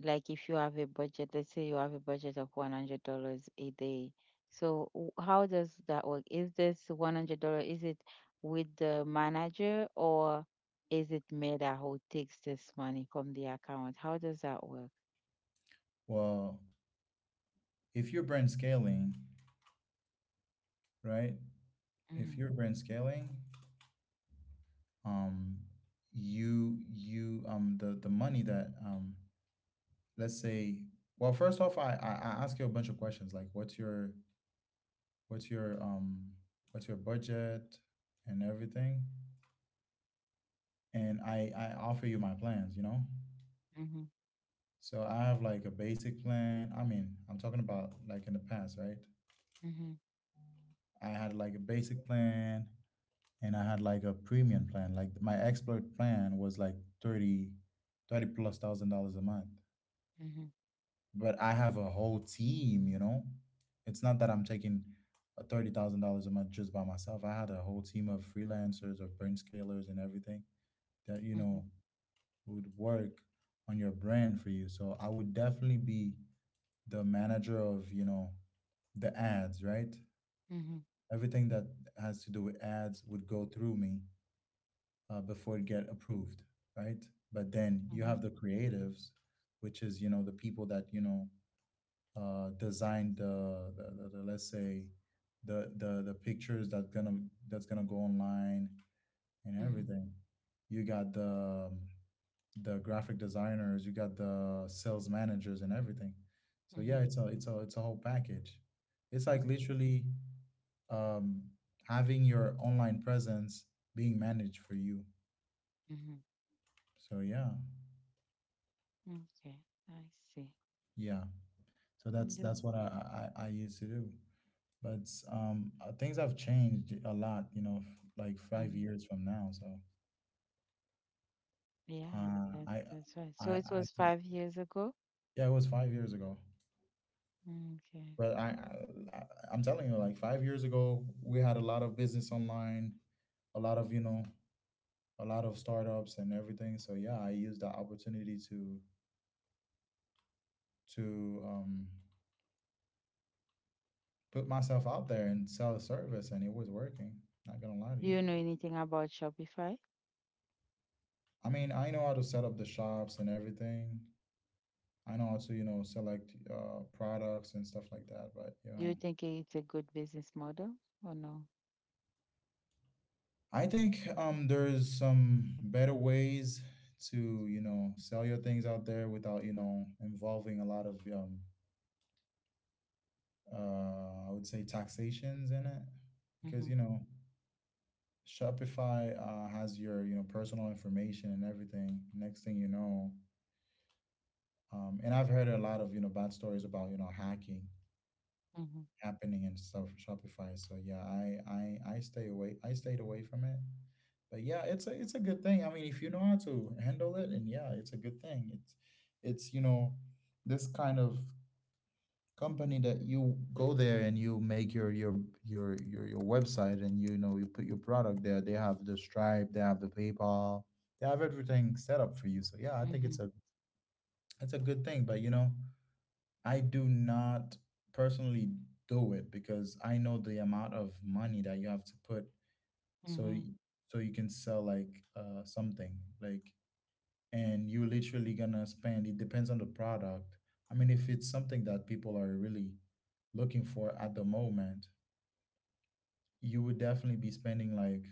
Speaker 2: like if you have a budget, let's say you have a budget of one hundred dollars a day. So w- how does that work? Is this one hundred dollar? Is it with the manager, or is it Meta who takes this money from the account? How does that work?
Speaker 1: Well, if you're brand scaling, right? If
Speaker 2: Mhm,
Speaker 1: you're brand scaling, um you you um the the money that, um let's say, well, first off, I, I i ask you a bunch of questions, like what's your what's your um what's your budget and everything. And i i offer you my plans you know
Speaker 2: mhm,
Speaker 1: So I have like a basic plan. I mean, I'm talking about like in the past, right?
Speaker 2: mhm,
Speaker 1: I had like a basic plan, and I had like a premium plan. Like my expert plan was like thirty, thirty plus thousand dollars a month.
Speaker 2: mhm,
Speaker 1: But I have a whole team, you know? It's not that I'm taking uh, thirty thousand dollars a month just by myself. I had a whole team of freelancers or brand scalers and everything that, you know,
Speaker 2: mhm,
Speaker 1: would work on your brand for you. So I would definitely be the manager of, you know, the ads, right?
Speaker 2: mhm,
Speaker 1: Everything that has to do with ads would go through me uh, before it get approved, right? But then you have the creatives, which is, you know, the people that, you know, uh, design the, the, the, the let's say the the the pictures that's gonna that's gonna go online and
Speaker 2: mhm,
Speaker 1: everything. You got the um, the graphic designers. You got the sales managers and everything. So yeah,
Speaker 2: mhm,
Speaker 1: it's a it's a it's a whole package. It's like
Speaker 2: mhm, mhm,
Speaker 1: literally, um, having your online presence being managed for you.
Speaker 2: mhm.
Speaker 1: So yeah,
Speaker 2: Okay, I see.
Speaker 1: yeah. So that's
Speaker 2: And there
Speaker 1: that's
Speaker 2: was-
Speaker 1: what I I, I I used to do. But um, uh, things have changed a lot, you know, f- like five
Speaker 2: mhm.
Speaker 1: years from now. So
Speaker 2: Yeah,
Speaker 1: uh,
Speaker 2: that's
Speaker 1: I,
Speaker 2: that's right.
Speaker 1: I,
Speaker 2: So it
Speaker 1: I
Speaker 2: was
Speaker 1: think,
Speaker 2: five years ago.
Speaker 1: yeah, it was five years ago.
Speaker 2: Okay.
Speaker 1: But I, I, I- I'm telling you, like five years ago, we had a lot of business online, a lot of you know, a lot of startups and everything. So yeah, I used that opportunity to to um, put myself out there and sell a service, and it was working. Not gonna lie to
Speaker 2: Do
Speaker 1: you.
Speaker 2: you know anything about Shopify?
Speaker 1: I mean, I know how to set up the shops and everything. I know how to you know select uh, products and stuff like that, but you
Speaker 2: Do you
Speaker 1: know
Speaker 2: think it's a good business model or no?
Speaker 1: I think um there's some better ways to you know sell your things out there without you know involving a lot of um uh I would say taxations in it, because
Speaker 2: Mm-hmm.
Speaker 1: you know Shopify uh, has your you know personal information and everything. Next thing you know, um and I've heard a lot of you know bad stories about you know hacking
Speaker 2: Mm-hmm.
Speaker 1: happening and stuff for Shopify. So yeah, I I I stay away. I stayed away from it. But yeah, it's a it's a good thing. I mean, if you know how to handle it, and yeah, it's a good thing. It's it's you know this kind of company that you go there and you make your your your your your website, and you know you put your product there. They have the Stripe, they have the PayPal, they have everything set up for you. So yeah, I think
Speaker 2: Mm-hmm.
Speaker 1: it's a it's a good thing. But you know, I do not personally do it, because I know the amount of money that you have to put. so
Speaker 2: Mm-hmm.
Speaker 1: y- so you can sell like uh something like, and you're literally gonna spend, it depends on the product. I mean, if it's something that people are really looking for at the moment, you would definitely be spending like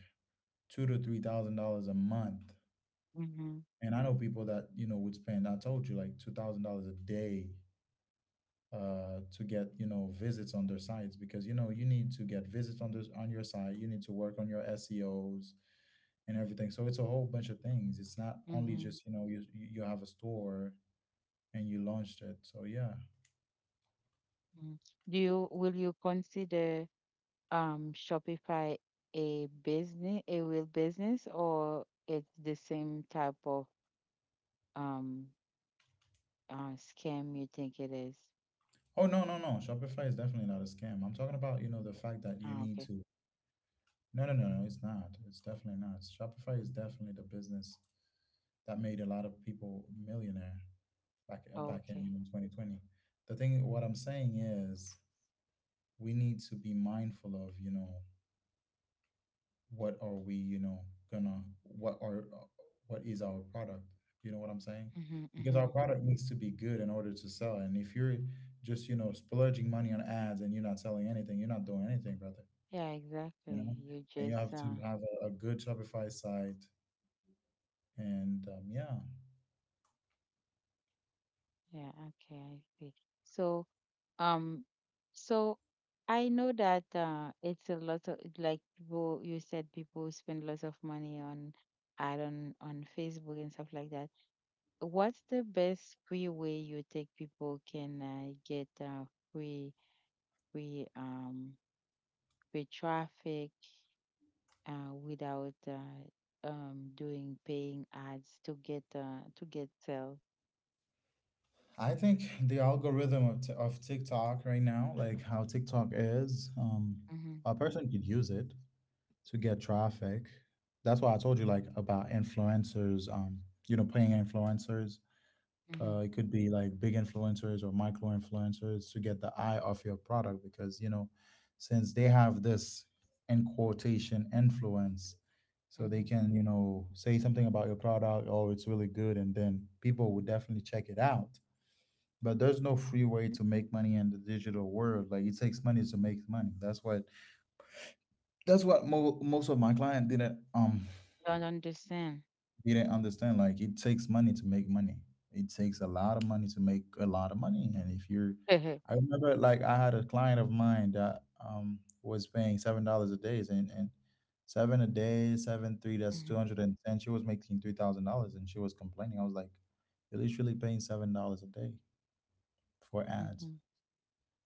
Speaker 1: two to three thousand dollars a month.
Speaker 2: Mm-hmm.
Speaker 1: And I know people that, you know, would spend, I told you, like two thousand dollars a day uh, to get you know visits on their sites, because you know you need to get visits on this on your site. You need to work on your S E Os and everything. So it's a whole bunch of things. It's not
Speaker 2: Mm-hmm.
Speaker 1: only
Speaker 2: Mm-hmm.
Speaker 1: just you know you you have a store and you launched it. So yeah.
Speaker 2: Do you will you consider um Shopify a business a real business, or it's the same type of um uh scam you think it is?
Speaker 1: Oh, no, no, no! Shopify is definitely not a scam. I'm talking about you know the fact that you
Speaker 2: Ah,
Speaker 1: need
Speaker 2: okay.
Speaker 1: to. No, no, no, no! It's not. It's definitely not. Shopify is definitely the business that made a lot of people millionaire back
Speaker 2: Oh,
Speaker 1: back in
Speaker 2: okay.
Speaker 1: you know twenty twenty. The thing what I'm saying is, we need to be mindful of, you know what are we you know gonna, what are uh, what is our product, you know what I'm saying?
Speaker 2: Mm-hmm.
Speaker 1: Because our
Speaker 2: Mm-hmm.
Speaker 1: product needs to be good in order to sell. And if you're just you know splurging money on ads and you're not selling anything, you're not doing anything, brother
Speaker 2: Yeah,
Speaker 1: you
Speaker 2: exactly.
Speaker 1: know
Speaker 2: You
Speaker 1: and you
Speaker 2: just
Speaker 1: have to
Speaker 2: uh
Speaker 1: have a, a good Shopify site, and um, yeah.
Speaker 2: Yeah, okay, I see. So, um, so I know that uh, it's a lot of, like, people, you said people spend lots of money on ad on on Facebook and stuff like that. What's the best free way you think people can uh, get uh, free free um free traffic uh, without uh, um doing paying ads to get uh, to get sales?
Speaker 1: I think the algorithm of, t- of TikTok right now, like how TikTok is, um,
Speaker 2: Mm-hmm,
Speaker 1: a person could use it to get traffic. That's why I told you, like, about influencers, um, you know, paying influencers.
Speaker 2: mm-hmm,
Speaker 1: Uh, it could be like big influencers or micro influencers to get the eye off your product, because you know, since they have this, in quotation, influence, so they
Speaker 2: mm-hmm.
Speaker 1: can you know say something about your product. Oh, it's really good, and then people would definitely check it out. But there's no free way to make money in the digital world. Like, it takes money to make money. That's what that's what mo- most of my client didn't um
Speaker 2: Don't understand.
Speaker 1: He didn't understand, like, it takes money to make money. It takes a lot of money to make a lot of money. And if you're, I remember, like, I had a client of mine that um was paying seven dollars a day, and and seven a day, seven three, that's two
Speaker 2: Mhm,
Speaker 1: hundred and ten. She was making three thousand dollars, and she was complaining. I was like, you're literally paying seven dollars a day for ads,
Speaker 2: mhm,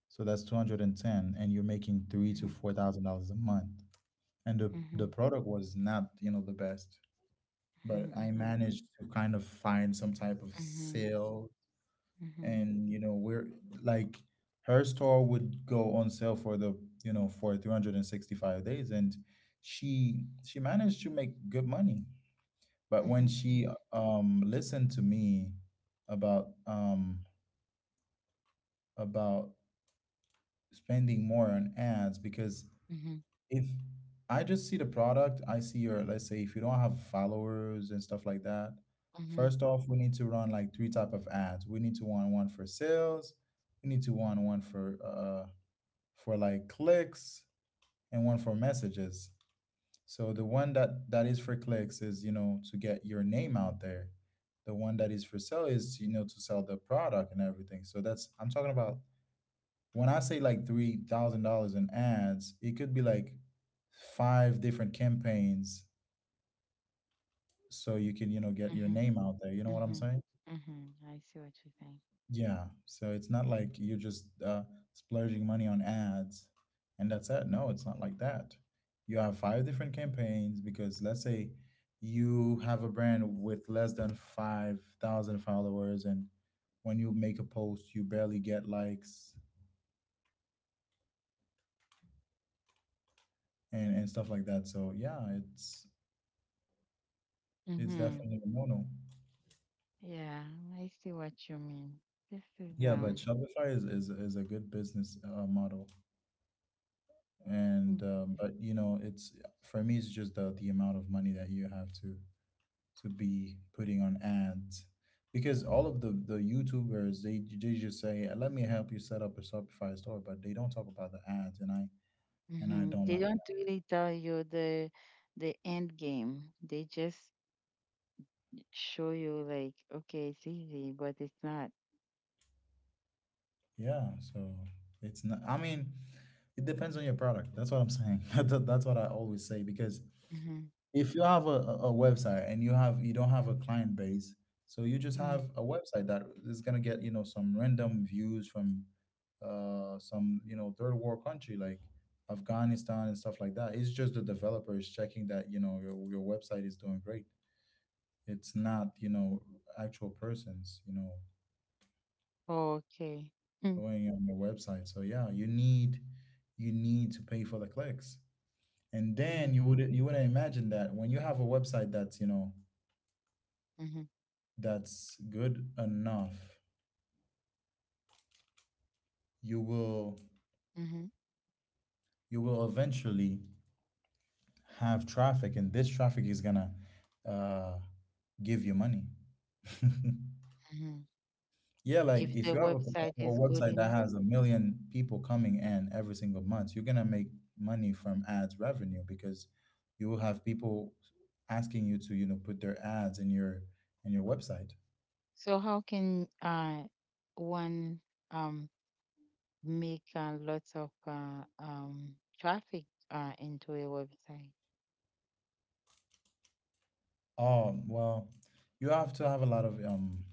Speaker 1: so that's two hundred and ten, and you're making three to
Speaker 2: mhm,
Speaker 1: four thousand dollars a month. And the the
Speaker 2: mhm,
Speaker 1: product was not, you know the best, but
Speaker 2: mhm,
Speaker 1: I
Speaker 2: mhm,
Speaker 1: managed to kind of find some type of
Speaker 2: mhm,
Speaker 1: sale.
Speaker 2: mhm, mhm,
Speaker 1: And, you know, we're like, her store would go on sale for the you know for three hundred sixty-five days, and she she managed to make good money. But when she
Speaker 2: mhm,
Speaker 1: um listened to me about um about spending more on ads, because
Speaker 2: mhm,
Speaker 1: if I just see the product, I see your, let's say if you don't have followers and stuff like that, first off, we need to run like three type of ads. We need to run one for sales, we need to run one for uh for like clicks, and one for messages. So the one that that is for clicks is, you know, to get your name out there. The one that is for sale is, you know, to sell the product and everything. So that's, I'm talking about, when I say like three thousand dollars in ads, it could be like five different campaigns, so you can, you know, get your
Speaker 2: mhm,
Speaker 1: name out there. You know what I'm
Speaker 2: mhm,
Speaker 1: saying?
Speaker 2: mhm, mhm. I see what you think.
Speaker 1: Yeah. So it's not like you're just uh, splurging money on ads, and that's it. No, it's not like that. You have five different campaigns, because let's say you have a brand with less than five thousand followers, and when you make a post, you barely get likes and, and stuff like that. So yeah, it's It's
Speaker 2: Mm-hmm.
Speaker 1: definitely a no-no.
Speaker 2: Yeah, I see what you mean. This is
Speaker 1: Yeah, but
Speaker 2: um
Speaker 1: Shopify is is, is a good business uh, model. And
Speaker 2: mm,
Speaker 1: um, but you know, it's for me, it's just the the amount of money that you have to to be putting on ads, because all of the the YouTubers they they just say, "Let me help you set up a Shopify store," but they don't talk about the ads, and I and I
Speaker 2: mhm.
Speaker 1: don't
Speaker 2: They
Speaker 1: like.
Speaker 2: don't really tell you the the end game. They just show you like, okay, it's easy, but it's not.
Speaker 1: Yeah, so it's not. I mean, it depends on your product. That's what I'm saying. That- That's what I always say, because
Speaker 2: Mm-hmm.
Speaker 1: if you have a, a a website and you have you don't have a client base, so you just
Speaker 2: Mm-hmm.
Speaker 1: have a website that is gonna get you know some random views from uh some you know third world country like Afghanistan and stuff like that. It's just the developers checking that you know your your website is doing great. It's not you know actual persons you know
Speaker 2: Okay. Mm-hmm.
Speaker 1: going on your website. So yeah, you need you need to pay for the clicks. And then
Speaker 2: Mm-hmm.
Speaker 1: you would you wouldn't imagine that when you have a website that's, you know,
Speaker 2: Mm-hmm.
Speaker 1: that's good enough, you will
Speaker 2: Mm-hmm,
Speaker 1: you will eventually have traffic, and this traffic is gonna uh, give you money.
Speaker 2: mm-hmm.
Speaker 1: Yeah, like
Speaker 2: If the
Speaker 1: if you have a,
Speaker 2: website
Speaker 1: a
Speaker 2: is good
Speaker 1: website that
Speaker 2: enough.
Speaker 1: has a million people coming in every single month, you're gonna make money from ads revenue, because you will have people asking you to, you know, put their ads in your in your website.
Speaker 2: So how can uh, one um, make uh, lots of uh, um, traffic uh, into a website?
Speaker 1: Oh well, you have to have a lot of um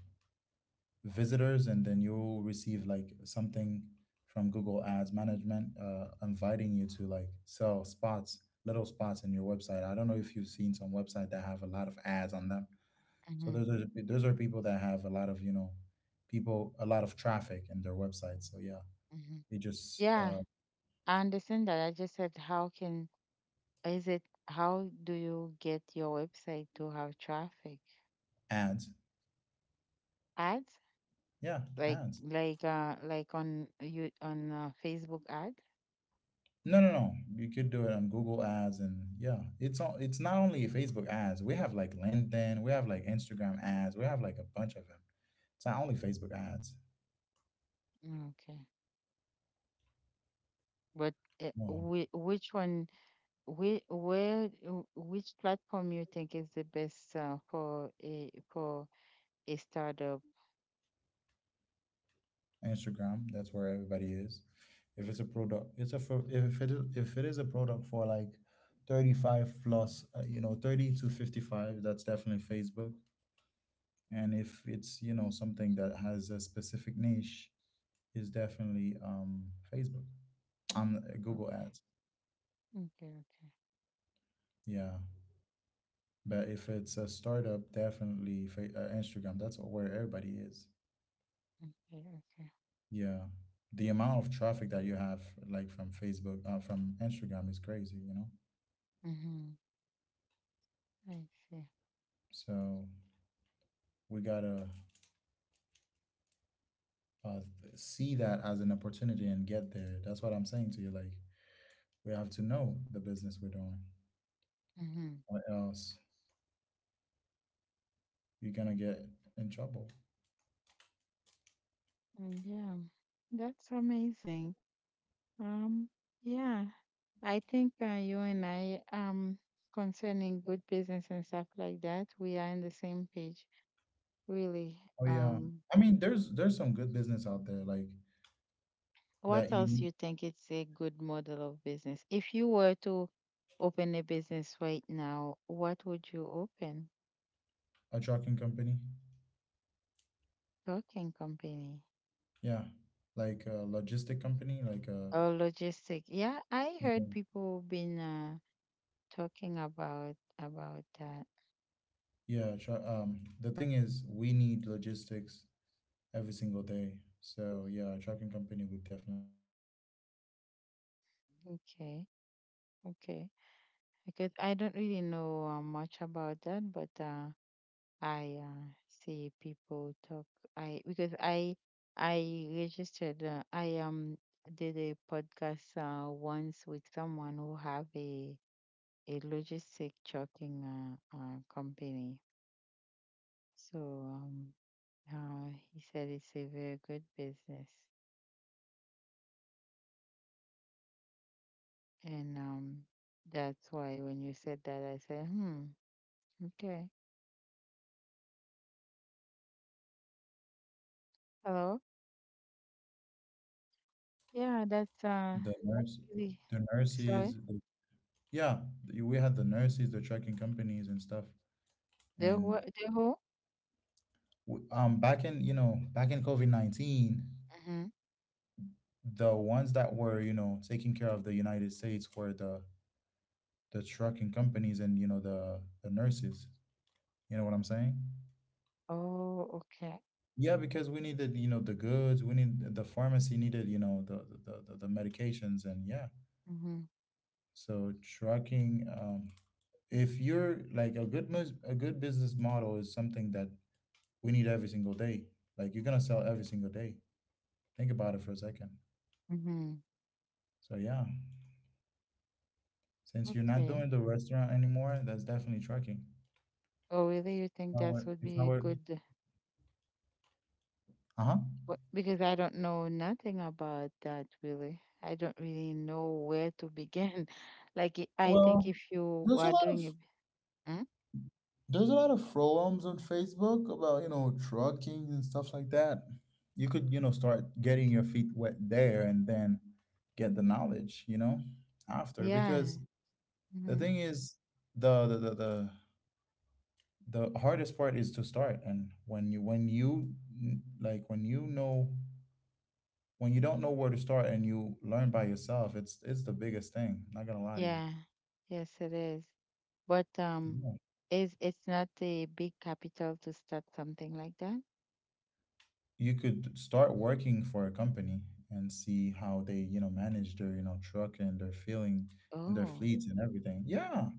Speaker 1: visitors, and then you'll receive like something from Google Ads management, uh, inviting you to like sell spots, little spots in your website. I don't know if you've seen some website that have a lot of ads on them. So
Speaker 2: hmm
Speaker 1: those are those are people that have a lot of, you know, people, a lot of traffic in their website. So yeah,
Speaker 2: hmm
Speaker 1: they just
Speaker 2: Yeah,
Speaker 1: uh,
Speaker 2: I understand that. I just said, how can is it how do you get your website to have traffic?
Speaker 1: ads.
Speaker 2: Ads,
Speaker 1: Yeah,
Speaker 2: like
Speaker 1: ads.
Speaker 2: like uh like on you on uh, Facebook ad?
Speaker 1: No, no, no. You could do it on Google Ads, and yeah, it's all, it's not only Facebook ads. We have like LinkedIn, we have like Instagram ads, we have like a bunch of them. It's not only Facebook ads.
Speaker 2: Okay, but uh,
Speaker 1: Well,
Speaker 2: whi- which one? Whi where, w- which platform you think is the best uh, for a for a startup?
Speaker 1: Instagram, that's where everybody is. If it's a product, it's a for, if it is, if it is a product for like thirty-five plus, uh, you know, thirty to fifty-five, that's definitely Facebook. And if it's, you know, something that has a specific niche, is definitely um Facebook. Um,
Speaker 2: Okay,
Speaker 1: Google Ads.
Speaker 2: okay,
Speaker 1: Yeah. But if it's a startup, definitely fa uh, Instagram. That's where everybody is.
Speaker 2: okay, okay, okay.
Speaker 1: Yeah, the amount of traffic that you have, like from Facebook, uh, from Instagram, is crazy. You know,
Speaker 2: Mm-hmm. I see.
Speaker 1: so we gotta uh, see that as an opportunity and get there. That's what I'm saying to you. Like we have to know the business we're doing,
Speaker 2: Mm-hmm.
Speaker 1: or else you're gonna get in trouble.
Speaker 2: mm, Yeah, that's amazing. Um, yeah, I think uh, you and I, um concerning good business and stuff like that, we are on the same page, really.
Speaker 1: Oh yeah,
Speaker 2: Um,
Speaker 1: I mean, there's there's some good business out there, like
Speaker 2: What
Speaker 1: that
Speaker 2: else
Speaker 1: you
Speaker 2: you think it's a good model of business? If you were to open a business right now, what would you open?
Speaker 1: a trucking company.
Speaker 2: Talking company,
Speaker 1: Yeah, like a logistic company, like a
Speaker 2: or logistic? Yeah, I
Speaker 1: yeah,
Speaker 2: heard people been uh, talking about about that.
Speaker 1: yeah. Tra- um, the thing is, we need logistics every single day. So yeah, a trucking company would definitely do.
Speaker 2: Okay, okay. Because I don't really know uh, much about that, but uh,
Speaker 1: A
Speaker 2: I uh,
Speaker 1: trucking company would
Speaker 2: see
Speaker 1: definitely do,
Speaker 2: people
Speaker 1: like
Speaker 2: talk.
Speaker 1: a
Speaker 2: I
Speaker 1: logistic
Speaker 2: because
Speaker 1: company, because
Speaker 2: I
Speaker 1: think about it.
Speaker 2: I
Speaker 1: Back in back in
Speaker 2: registered.
Speaker 1: the
Speaker 2: Uh,
Speaker 1: days,
Speaker 2: I
Speaker 1: like back
Speaker 2: um
Speaker 1: in
Speaker 2: did
Speaker 1: COVID,
Speaker 2: a
Speaker 1: we
Speaker 2: podcast
Speaker 1: had
Speaker 2: uh,
Speaker 1: like
Speaker 2: once
Speaker 1: uh,
Speaker 2: with someone who have
Speaker 1: the
Speaker 2: a
Speaker 1: United States of America
Speaker 2: a
Speaker 1: was, you know,
Speaker 2: logistic
Speaker 1: literally
Speaker 2: trucking
Speaker 1: being
Speaker 2: uh,
Speaker 1: moved by
Speaker 2: uh,
Speaker 1: the nurses and, you
Speaker 2: company.
Speaker 1: know, the truckers.
Speaker 2: So, um, uh, he
Speaker 1: You
Speaker 2: said
Speaker 1: know what I'm
Speaker 2: it's a
Speaker 1: saying?
Speaker 2: very good business,
Speaker 1: So yeah,
Speaker 2: and um, that's why when you said that, I said, hmm, okay,
Speaker 1: so yeah, um, we had
Speaker 2: hello,
Speaker 1: the trucking companies, and yeah,
Speaker 2: yeah, that's uh,
Speaker 1: the nurse,
Speaker 2: really,
Speaker 1: the
Speaker 2: sorry.
Speaker 1: nurses, the, yeah, the- we had the nurses, the trucking companies, and stuff.
Speaker 2: The what
Speaker 1: And
Speaker 2: the who?
Speaker 1: w- um, back in, you know, back in COVID nineteen,
Speaker 2: Hmm.
Speaker 1: the ones that were, you know, taking care of the United States were the the trucking companies and, you know, the the nurses. You know what I'm saying?
Speaker 2: Oh, okay.
Speaker 1: Yeah, because we needed, you know, the goods. We need the pharmacy needed, you know, the the the, the medications, and yeah.
Speaker 2: Mhm.
Speaker 1: So trucking. Um, if you're like a good mus- a good business model is something that we need every single day, like you're gonna sell every single day. Think about it for a second.
Speaker 2: Mhm.
Speaker 1: So yeah, since you're not
Speaker 2: Okay.
Speaker 1: doing the restaurant anymore, that's definitely trucking. If
Speaker 2: Oh, really? You think
Speaker 1: i
Speaker 2: that
Speaker 1: were,
Speaker 2: would
Speaker 1: if I
Speaker 2: be a
Speaker 1: were
Speaker 2: good?
Speaker 1: uh-huh
Speaker 2: But because I don't know nothing about that, really. I don't really know where to begin. Like, i- I think
Speaker 1: well,
Speaker 2: if you
Speaker 1: there's a
Speaker 2: are
Speaker 1: lot of
Speaker 2: doing it, Hmm?
Speaker 1: there's a lot of forums on Facebook about, you know, trucking and stuff like that. You could, you know, start getting your feet wet there, and then get the knowledge, you know, after.
Speaker 2: Yeah,
Speaker 1: Because the
Speaker 2: hmm,
Speaker 1: thing is, the the the the, the hardest part is to start, and when you when you n- like when you know when you don't know where to start and you learn by yourself, it's it's the biggest thing. Not gonna lie to you.
Speaker 2: yeah, yes, it is. But um,
Speaker 1: Yeah.
Speaker 2: is it's not a big capital to start something like that?
Speaker 1: You could start working for a company and see how they, you know, manage their, you know, truck and their filling and their
Speaker 2: Oh.
Speaker 1: fleets and everything. Yeah,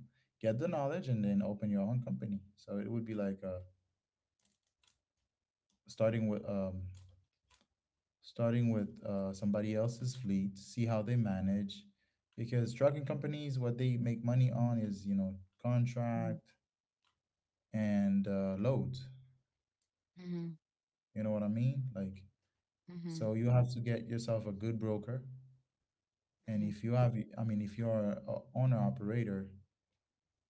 Speaker 1: get the knowledge and then open your own company. So it would be like uh starting with um starting with uh, somebody else's fleet, see how they manage. Because trucking companies, what they make money on is, you know,
Speaker 2: Mhm.
Speaker 1: contract and, uh, loads.
Speaker 2: Mhm.
Speaker 1: You know what I mean? Like,
Speaker 2: Mhm.
Speaker 1: so you have to get yourself a good broker. And
Speaker 2: Mhm.
Speaker 1: if you have, I mean, if you're a owner operator,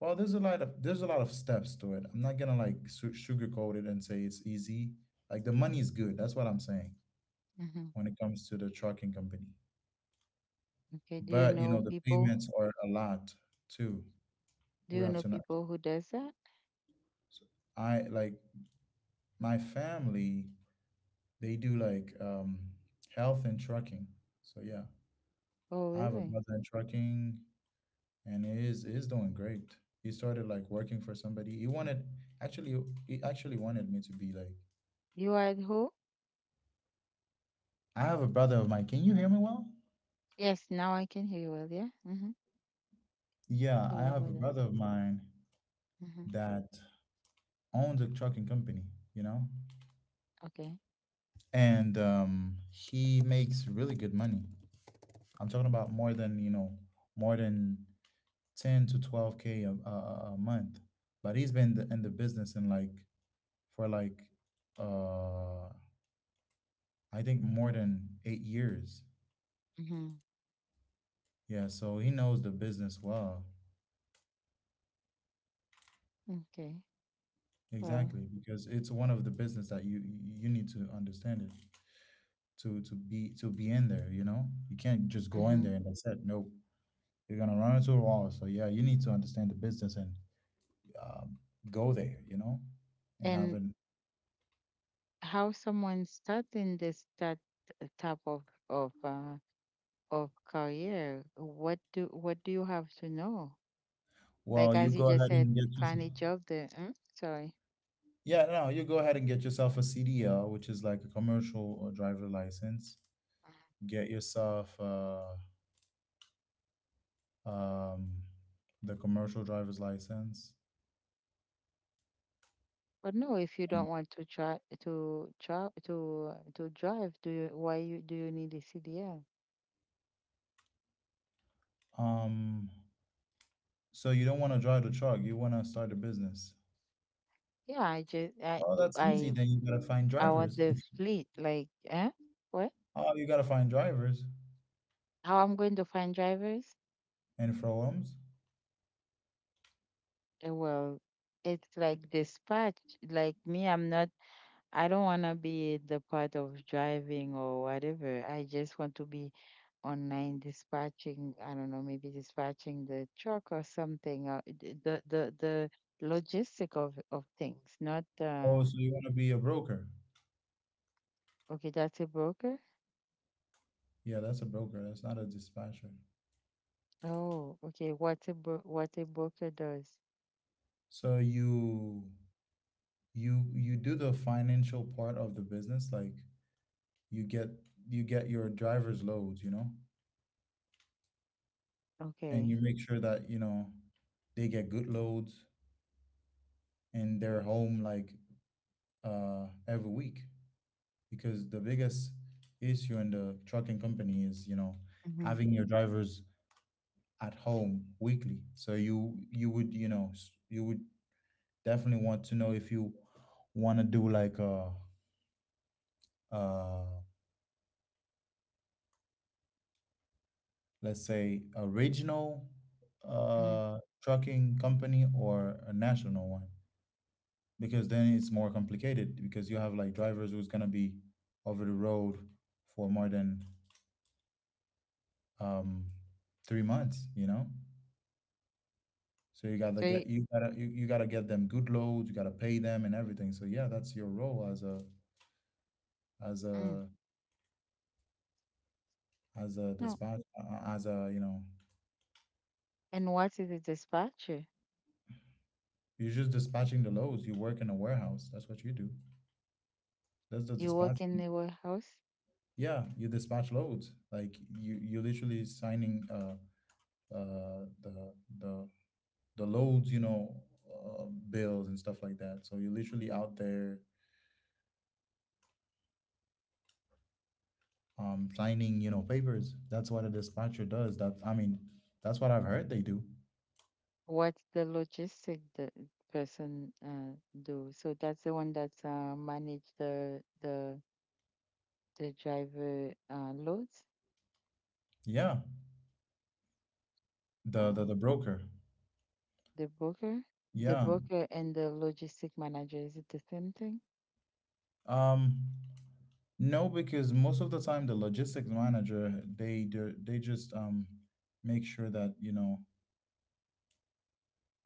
Speaker 1: well, there's a lot of there's a lot of steps to it. I'm not gonna like su- sugarcoat it and say it's easy. Like the money is good. That's what I'm saying
Speaker 2: Mhm.
Speaker 1: when it comes to the trucking company.
Speaker 2: Okay. Do you
Speaker 1: But you
Speaker 2: know
Speaker 1: know, the
Speaker 2: people?
Speaker 1: payments are a lot too.
Speaker 2: Do
Speaker 1: What
Speaker 2: you know
Speaker 1: else? Tonight.
Speaker 2: people who does that?
Speaker 1: I like my family. They do like, um, health and trucking. So yeah,
Speaker 2: Oh,
Speaker 1: I have a
Speaker 2: really?
Speaker 1: brother in trucking, and he is he is doing great. He started like working for somebody. He wanted actually, he actually wanted me to be like.
Speaker 2: You are at who?
Speaker 1: I have a brother of mine. Can you hear me well?
Speaker 2: Yes, now I can hear you well. Yeah. Mm-hmm.
Speaker 1: Yeah, I
Speaker 2: Sorry about
Speaker 1: have a
Speaker 2: that.
Speaker 1: brother of mine
Speaker 2: Mm-hmm.
Speaker 1: that owns a trucking company. You know,
Speaker 2: Okay.
Speaker 1: and um, he makes really good money. I'm talking about more than, you know, more than ten to twelve k a, a, a a month. But he's been th- in the business in like for like uh I think more than eight years.
Speaker 2: Mm-hmm.
Speaker 1: Yeah, so he knows the business well.
Speaker 2: Okay. Well.
Speaker 1: Exactly, because it's one of the business that you you need to understand it to to be to be in there. You know, you can't just go in
Speaker 2: Mm-hmm.
Speaker 1: there and that's it. Nope, you're gonna run into a wall. So yeah, you need to understand the business, and um, go there. You know, and have
Speaker 2: And
Speaker 1: an
Speaker 2: how someone starting this that type of of uh, of career? What do what do you have to know?
Speaker 1: well,
Speaker 2: Like
Speaker 1: you
Speaker 2: as you
Speaker 1: go
Speaker 2: just
Speaker 1: ahead
Speaker 2: said,
Speaker 1: and get your
Speaker 2: find a job there. Mm? Sorry.
Speaker 1: Yeah, no, no, you go ahead and get yourself a C D L, which is like a commercial or driver license. Get yourself uh, um, the commercial driver's license.
Speaker 2: But no, if you
Speaker 1: And,
Speaker 2: don't want to try to try to to drive, do you, why you do you need a C D L?
Speaker 1: um, so you don't want to drive the truck, you want to start a business.
Speaker 2: Yeah, I just I
Speaker 1: Oh, that's easy.
Speaker 2: I
Speaker 1: Then you gotta find
Speaker 2: I want
Speaker 1: drivers.
Speaker 2: the fleet. Like, eh? What?
Speaker 1: Oh, you gotta find drivers
Speaker 2: How I'm going to find drivers?
Speaker 1: and forums.
Speaker 2: Eh, well, it's like dispatch. Like me, I'm not, I don't want to be the part of driving or whatever. I just want to be online dispatching. I don't know, maybe dispatching the truck or something. Or the, the, the the logistic of, of things, not, uh,
Speaker 1: Oh, so you want to be a broker?
Speaker 2: okay, that's a broker.
Speaker 1: Yeah, that's a broker. That's not a dispatcher.
Speaker 2: Oh, okay. What a bro- what a broker does.
Speaker 1: So you you you do the financial part of the business, like you get you get your drivers loads, you know, and
Speaker 2: Okay.
Speaker 1: you make sure that, you know, they get good loads, and they're home like uh every week. Because the biggest issue in the trucking company is, you know,
Speaker 2: Mm-hmm.
Speaker 1: having your drivers at home weekly. So you you would, you know, s- you would definitely want to know if you want to do like a uh let's say a regional
Speaker 2: Mm-hmm.
Speaker 1: uh trucking company or a national one. Because then it's more complicated, because you have like drivers who's gonna be over the road for more than um three months, you know? So you gotta
Speaker 2: So,
Speaker 1: get you gotta you, you gotta get them good loads, you gotta pay them and everything. So yeah, that's your role as a as
Speaker 2: you.
Speaker 1: a as a
Speaker 2: No.
Speaker 1: dispatch uh, uh, as a, you know,
Speaker 2: And what is a dispatcher?
Speaker 1: you're just dispatching the loads. You work in a warehouse. That's what you do. That's the
Speaker 2: You work in the
Speaker 1: dispatching.
Speaker 2: warehouse?
Speaker 1: Yeah, you dispatch loads. Like you you literally signing uh uh the the the loads, you know, uh, bills and stuff like that. So you're literally out there, um, signing, you know, papers. That's what a dispatcher does. That, I mean, that's what I've heard they do.
Speaker 2: What the logistic the person uh, do? So that's the one that uh, manage the the the driver uh, loads.
Speaker 1: Yeah, the the,
Speaker 2: Oh,
Speaker 1: the broker.
Speaker 2: the broker, the
Speaker 1: Yeah.
Speaker 2: broker and the logistic manager, is it the same thing?
Speaker 1: Um, no, because most of the time the logistics manager, they do, they just um make sure that, you know,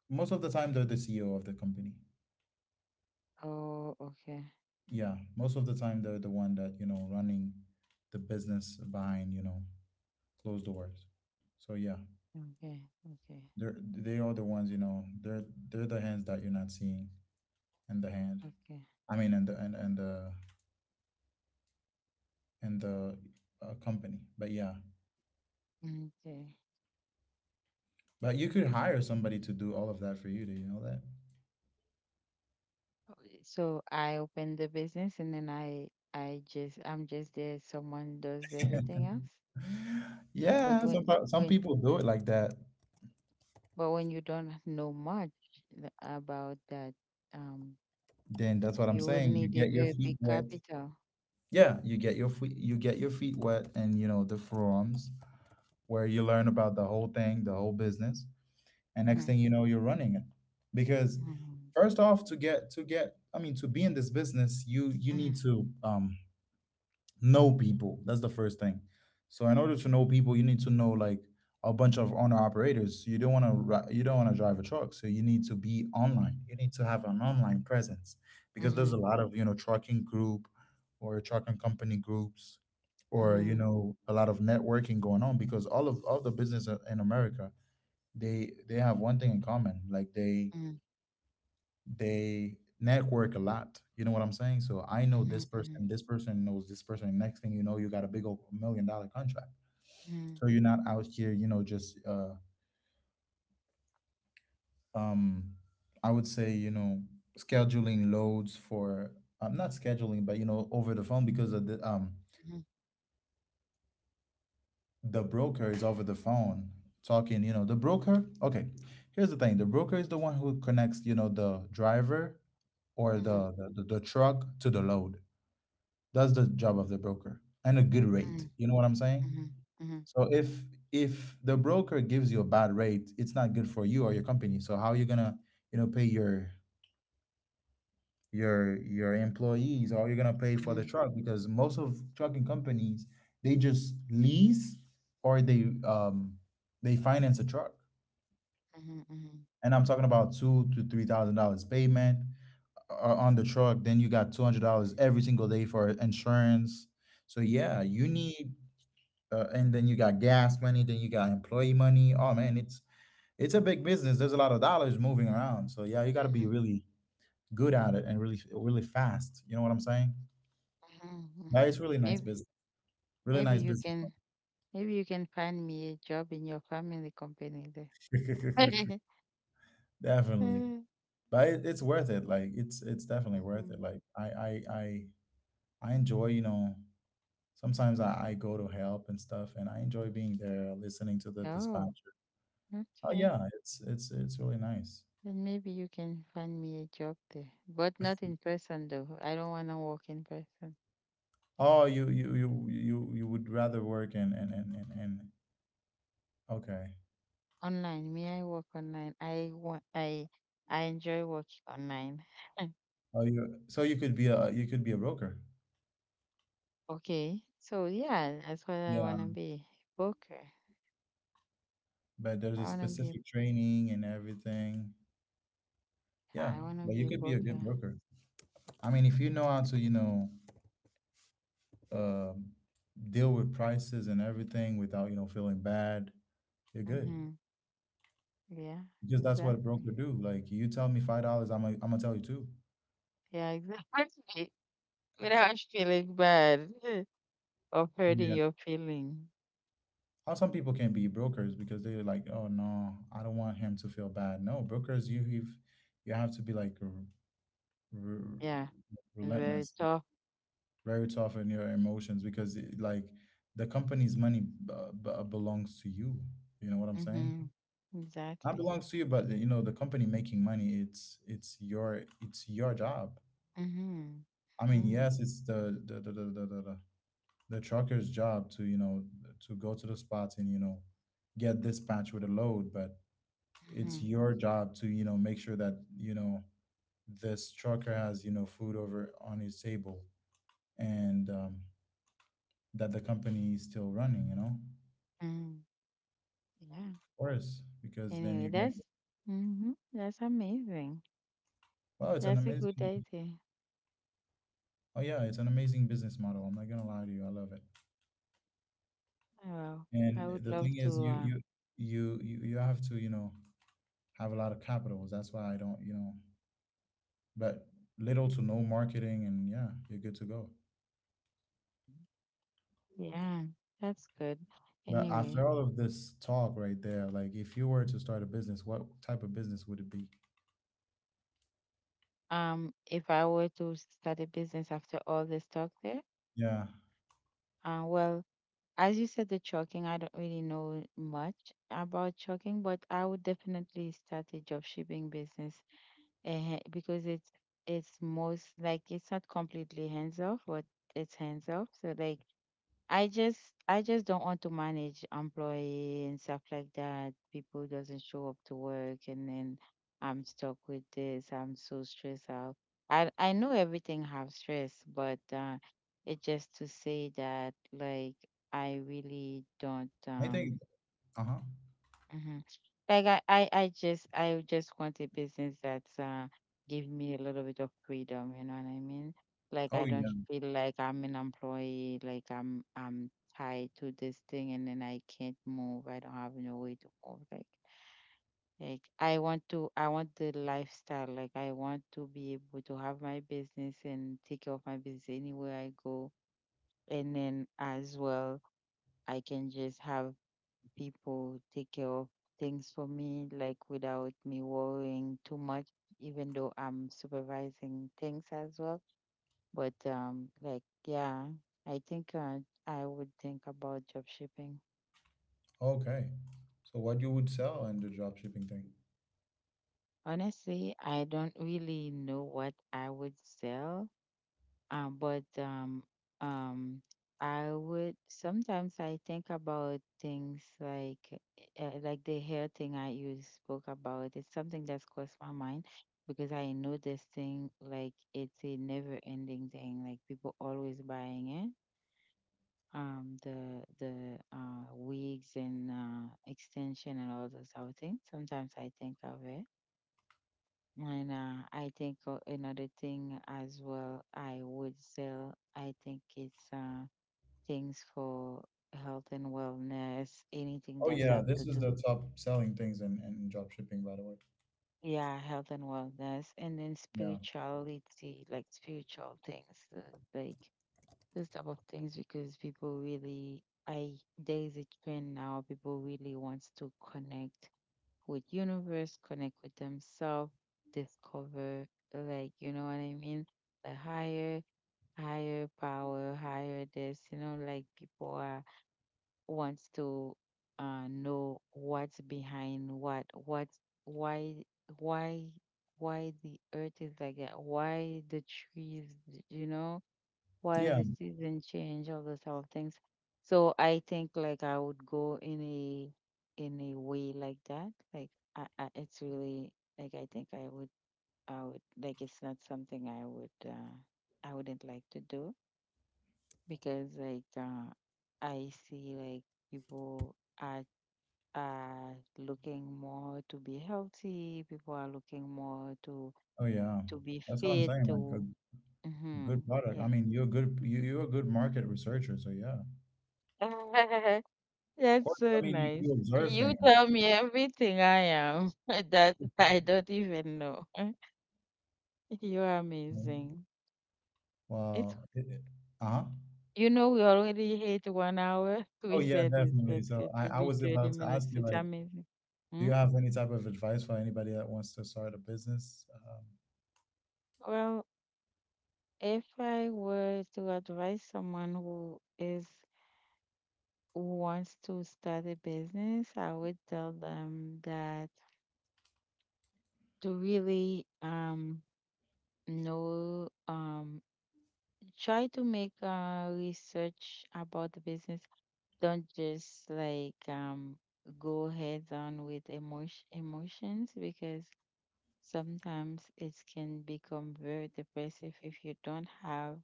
Speaker 1: most of the time they're the C E O of the company.
Speaker 2: Oh, okay,
Speaker 1: Yeah, most of the time they're the one that, you know, running the business behind, you know, closed doors. So yeah.
Speaker 2: okay, okay,
Speaker 1: They're they are the ones, you know. They're they're the hands that you're not seeing, and the hand.
Speaker 2: okay,
Speaker 1: I mean, and the and and the and the uh, company. But yeah,
Speaker 2: okay.
Speaker 1: but you could hire somebody to do all of that for you. Do you know that?
Speaker 2: So I open the business and then I I just I'm just there. Someone does everything else. But
Speaker 1: Yeah,
Speaker 2: when
Speaker 1: some pa- some
Speaker 2: when
Speaker 1: people do it like that.
Speaker 2: but when you don't know much th- about that, um,
Speaker 1: Then that's what I'm
Speaker 2: you will
Speaker 1: saying. You
Speaker 2: need a
Speaker 1: get your
Speaker 2: very
Speaker 1: feet
Speaker 2: big
Speaker 1: wet.
Speaker 2: capital.
Speaker 1: Yeah, you get your feet you get your feet wet, and you know the forums where you learn about the whole thing, the whole business. And next thing
Speaker 2: Mhm,
Speaker 1: you know, you're running it because
Speaker 2: mhm,
Speaker 1: first off, to get to get I mean to be in this business, you you need
Speaker 2: mhm,
Speaker 1: to um know people. That's the first thing. So in order to know people, you need to know like a bunch of owner operators. You don't want to you don't want to drive a truck, so you need to be online, you need to have an online presence because there's
Speaker 2: mhm,
Speaker 1: a lot of, you know, trucking group or trucking company groups, or, you
Speaker 2: mhm,
Speaker 1: know, a lot of networking going on because all of all the business in America, they they have one thing in common. Like they
Speaker 2: mhm,
Speaker 1: they network a lot. You know what I'm saying? So I know this
Speaker 2: mhm, mhm,
Speaker 1: person, this person knows this person, next thing you know, you got a big old million dollar contract.
Speaker 2: mhm,
Speaker 1: So you're not out here, you know, just uh um I would say, you know, scheduling loads for, I'm not scheduling, but, you know, over the phone because of the um
Speaker 2: mhm,
Speaker 1: the broker is over the phone talking. You know, the broker, okay, here's the thing. The broker is the one who connects, you know, the driver or
Speaker 2: mhm, mhm,
Speaker 1: the, the, the, the truck to the load. That's the job of the broker, and a good rate.
Speaker 2: mhm,
Speaker 1: You know what I'm saying?
Speaker 2: mhm, mhm, mhm,
Speaker 1: So if if the broker gives you a bad rate, it's not good for you or your company. So how are you gonna, you know, pay your your your employees, or you're gonna pay for the
Speaker 2: mhm,
Speaker 1: truck? Because most of trucking companies, they just lease, or they um they finance a truck.
Speaker 2: mhm, mhm. Mhm.
Speaker 1: And I'm talking about two to three thousand dollars payment are on the truck, then you got two hundred dollars every single day for insurance. So yeah, you need, uh, and then you got gas money, then you got employee money. Oh man, it's it's a big business. There's a lot of dollars moving around. So yeah, you got to be really good at it and really really fast. You know what I'm saying? But it's really nice
Speaker 2: Maybe
Speaker 1: business. Really
Speaker 2: maybe
Speaker 1: nice
Speaker 2: you
Speaker 1: business.
Speaker 2: can maybe you can find me a job in your family company there.
Speaker 1: Definitely, but it, it's worth it. Like it's it's definitely worth it.
Speaker 2: Mhm.
Speaker 1: Like I I I I enjoy, you know, sometimes I, I go to help and stuff, and I enjoy being there, listening to the
Speaker 2: Oh,
Speaker 1: dispatcher. Oh
Speaker 2: okay.
Speaker 1: yeah, it's it's it's really nice.
Speaker 2: Then maybe you can find me a job there, but not in person though. I don't want to work in person.
Speaker 1: Oh, you you you you you would rather work, and and and and, and okay.
Speaker 2: Online, may I work online? I want, I, I enjoy working online.
Speaker 1: Oh, you, so you could be a you could be a broker.
Speaker 2: Okay, so yeah, that's what I
Speaker 1: Yeah,
Speaker 2: want to be. Booker.
Speaker 1: but there's a
Speaker 2: I want to be.
Speaker 1: specific training and everything. Yeah,
Speaker 2: I want to
Speaker 1: but
Speaker 2: be
Speaker 1: you
Speaker 2: a
Speaker 1: could be a good
Speaker 2: booker.
Speaker 1: broker. I mean, if you know how to, you know, um deal with prices and everything without, you know, feeling bad, you're good.
Speaker 2: Mhm. Yeah.
Speaker 1: Because that's what a
Speaker 2: Exactly.
Speaker 1: broker do. Like you tell me five dollars, I'm gonna I'm gonna tell you two.
Speaker 2: Yeah. Exactly. Without feeling bad or hurting
Speaker 1: Yeah.
Speaker 2: your feeling.
Speaker 1: How some people can be brokers because they're like, oh no, I don't want him to feel bad. No, brokers, you have you have to be like r r-
Speaker 2: Yeah. Very
Speaker 1: relentless,
Speaker 2: tough.
Speaker 1: very tough in your emotions because it, like, the company's money b b belongs to you. You know what I'm saying?
Speaker 2: Mhm.
Speaker 1: Not
Speaker 2: Exactly.
Speaker 1: belongs to you, but you know, the company making money. It's it's your it's your job.
Speaker 2: Mm-hmm.
Speaker 1: I mean,
Speaker 2: Mm-hmm.
Speaker 1: yes, it's the the the the the, the, the trucker's job to, you know, to go to the spots and, you know, get dispatched with a load. But it's
Speaker 2: Mm-hmm.
Speaker 1: your job to, you know, make sure that, you know, this trucker has, you know, food over on his table, and um, that the company is still running, you know, of
Speaker 2: Mm-hmm. Yeah.
Speaker 1: course, because then
Speaker 2: Anyway,
Speaker 1: you're gonna
Speaker 2: that's mm-hmm, that's amazing.
Speaker 1: wow, it's an
Speaker 2: That's a good
Speaker 1: amazing.
Speaker 2: idea.
Speaker 1: Oh yeah, it's an amazing business model. I'm not gonna lie to you, I love it.
Speaker 2: Wow. I
Speaker 1: And
Speaker 2: would
Speaker 1: the thing
Speaker 2: love
Speaker 1: is,
Speaker 2: to
Speaker 1: you
Speaker 2: uh
Speaker 1: you you you you have to, you know, have a lot of capitals. That's why I don't, you know, but little to no marketing, and yeah, you're good to go.
Speaker 2: yeah, that's good.
Speaker 1: But after
Speaker 2: Anyway,
Speaker 1: all of this talk right there, like if you were to start a business, what type of business would it be?
Speaker 2: um if I were to start a business after all this talk there,
Speaker 1: Yeah.
Speaker 2: uh well, as you said, the chalking, I don't really know much about chalking, but I would definitely start a job shipping business uh, because it's it's most like, it's not completely hands off, but it's hands off. So like I just I just don't want to manage employee and stuff like that. People doesn't show up to work, and then I'm stuck with this. I'm so stressed out. I I know everything have stress, but uh, it's just to say that like I really don't
Speaker 1: I think
Speaker 2: um
Speaker 1: uh-huh
Speaker 2: Mhm. Like I, I, I just, I just want a business that's uh give me a little bit of freedom. You know what I mean? Like I
Speaker 1: Oh
Speaker 2: don't
Speaker 1: yeah.
Speaker 2: feel like I'm an employee. Like I'm, I'm tied to this thing, and then I can't move. I don't have no way to move. Like, like I want to, I want the lifestyle. Like I want to be able to have my business and take care of my business anywhere I go, and then as well, I can just have people take care of things for me, like without me worrying too much, even though I'm supervising things as well. But um, like yeah, I think uh, I would think about job shipping.
Speaker 1: Okay, so what you would sell in the drop shipping thing?
Speaker 2: Honestly, I don't really know what I would sell. Um, but um, um, I would sometimes, I think about things like uh, like the hair thing I you spoke about. It's something that's crossed my mind because I know this thing, like it's a never ending thing. Like people always buying it. Um, the the uh, wigs and uh, extension and all those other things. Sometimes I think of it and uh, I think uh, another thing as well I would sell, I think it's uh, things for health and wellness, anything
Speaker 1: Oh
Speaker 2: that's
Speaker 1: yeah,
Speaker 2: have
Speaker 1: this
Speaker 2: to
Speaker 1: is
Speaker 2: do.
Speaker 1: the top selling things in, in drop shipping, by the way.
Speaker 2: Yeah, health and wellness, and then
Speaker 1: Yeah.
Speaker 2: spirituality, like spiritual things, uh, like those type of things, because people really, I there is a trend now. People really wants to connect with universe, connect with themselves, discover, like, you know what I mean, the higher, higher power, higher this, you know, like people are wants to uh know what's behind what, what why, why why the earth is like that, why the trees, you know, why
Speaker 1: Yeah,
Speaker 2: the season change, all those type of things. So I think like I would go in a in a way like that. Like I, I it's really like, I think I would I would like it's not something I would uh I wouldn't like to do because like uh, I see like people are are looking more to be healthy. People are looking more to
Speaker 1: oh yeah,
Speaker 2: to be
Speaker 1: that's what I'm
Speaker 2: fit.
Speaker 1: saying. Like a
Speaker 2: To
Speaker 1: a
Speaker 2: hmm
Speaker 1: good product. I
Speaker 2: yeah,
Speaker 1: mean, you're a good you, you're a good market researcher. So yeah, of
Speaker 2: that's
Speaker 1: course. I
Speaker 2: so
Speaker 1: mean, you,
Speaker 2: nice.
Speaker 1: you observe
Speaker 2: You
Speaker 1: things.
Speaker 2: tell me everything I am that I don't even know. You are
Speaker 1: Right?
Speaker 2: amazing. It's,
Speaker 1: Wow. It- it- Uh-huh.
Speaker 2: you know, we already hit one hour.
Speaker 1: Oh
Speaker 2: We
Speaker 1: yeah,
Speaker 2: said it's,
Speaker 1: definitely.
Speaker 2: let's
Speaker 1: So
Speaker 2: get to
Speaker 1: I, I
Speaker 2: be
Speaker 1: was
Speaker 2: thirty
Speaker 1: about to
Speaker 2: minutes.
Speaker 1: ask you,
Speaker 2: It's
Speaker 1: like,
Speaker 2: amazing.
Speaker 1: do you
Speaker 2: Hmm?
Speaker 1: have any type of advice for anybody that wants to start a business? Um,
Speaker 2: Well, if I were to advise someone who is who wants to start a business, I would tell them that to really um know um try to make uh research about the business. Don't just like um go heads on with emotion emotions, because sometimes it can become very depressive if you don't have,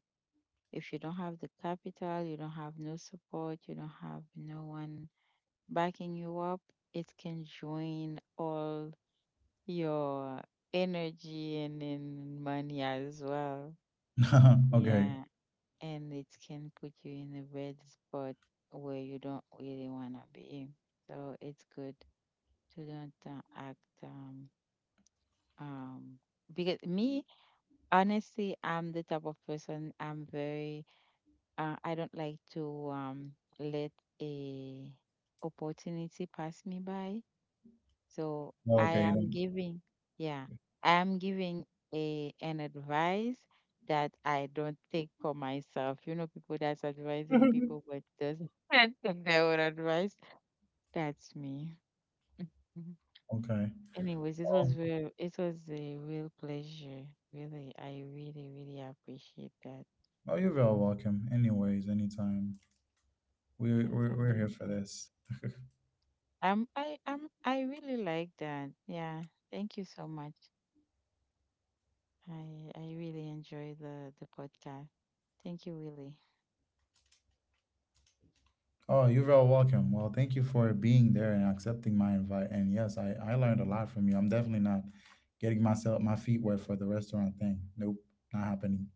Speaker 2: if you don't have the capital, you don't have no support, you don't have no one backing you up, it can drain all your energy and then money as well.
Speaker 1: Okay.
Speaker 2: Yeah, and it can put you in a bad spot where you don't really want to be. So it's good to don't uh, act um um because me, honestly, I'm the type of person. I'm very uh, I don't like to um, let a opportunity pass me by. So
Speaker 1: Well, okay,
Speaker 2: I
Speaker 1: you
Speaker 2: am
Speaker 1: don't.
Speaker 2: giving, yeah, I am giving a an advice that I don't think for myself. You know, people that's advising people but doesn't think their own advice. That's me. Mhm.
Speaker 1: Okay.
Speaker 2: Anyways, this
Speaker 1: Well,
Speaker 2: was real. It was a real pleasure. Really, I really, really appreciate that.
Speaker 1: oh, you're very welcome. Anyways, anytime. We
Speaker 2: That's
Speaker 1: we're, we're here for
Speaker 2: amazing.
Speaker 1: this.
Speaker 2: Um, I um, I really like that. Yeah, thank you so much. I I really enjoy the the podcast. Thank you, Willie.
Speaker 1: Oh, you're very welcome. Well, thank you for being there and accepting my invite. And yes, I I learned a lot from you. I'm definitely not getting myself my feet wet for the restaurant thing. Nope, not happening.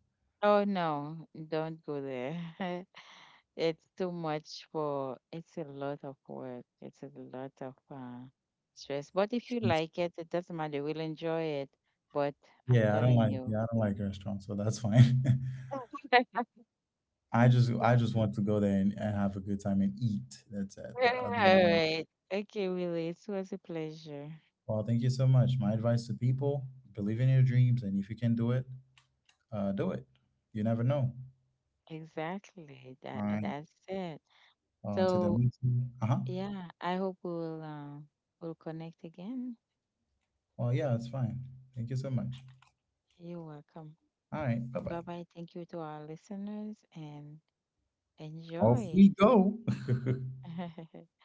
Speaker 2: Oh no, don't go there. It's too much for. It's a lot of work. It's a lot of uh, stress. But if you like it, it doesn't matter. We'll enjoy it. But I'm
Speaker 1: Yeah, I don't
Speaker 2: telling
Speaker 1: like yeah,
Speaker 2: you.
Speaker 1: I don't like restaurants, so that's fine. I just I just want to go there and, and have a good time and eat. That's it. But
Speaker 2: All
Speaker 1: other than that,
Speaker 2: right. Okay, Willie. It was a pleasure.
Speaker 1: well, thank you so much. My advice to people, believe in your dreams, and if you can do it, uh do it. You never know.
Speaker 2: Exactly.
Speaker 1: All
Speaker 2: That
Speaker 1: right.
Speaker 2: that's it.
Speaker 1: On to the
Speaker 2: So
Speaker 1: next. Uh-huh.
Speaker 2: yeah, I hope we'll uh, we'll connect again.
Speaker 1: Well, yeah, it's fine. Thank you so much.
Speaker 2: You're welcome.
Speaker 1: All right, bye-bye.
Speaker 2: Bye bye. Thank you to our listeners, and
Speaker 1: Off
Speaker 2: enjoy.
Speaker 1: we go.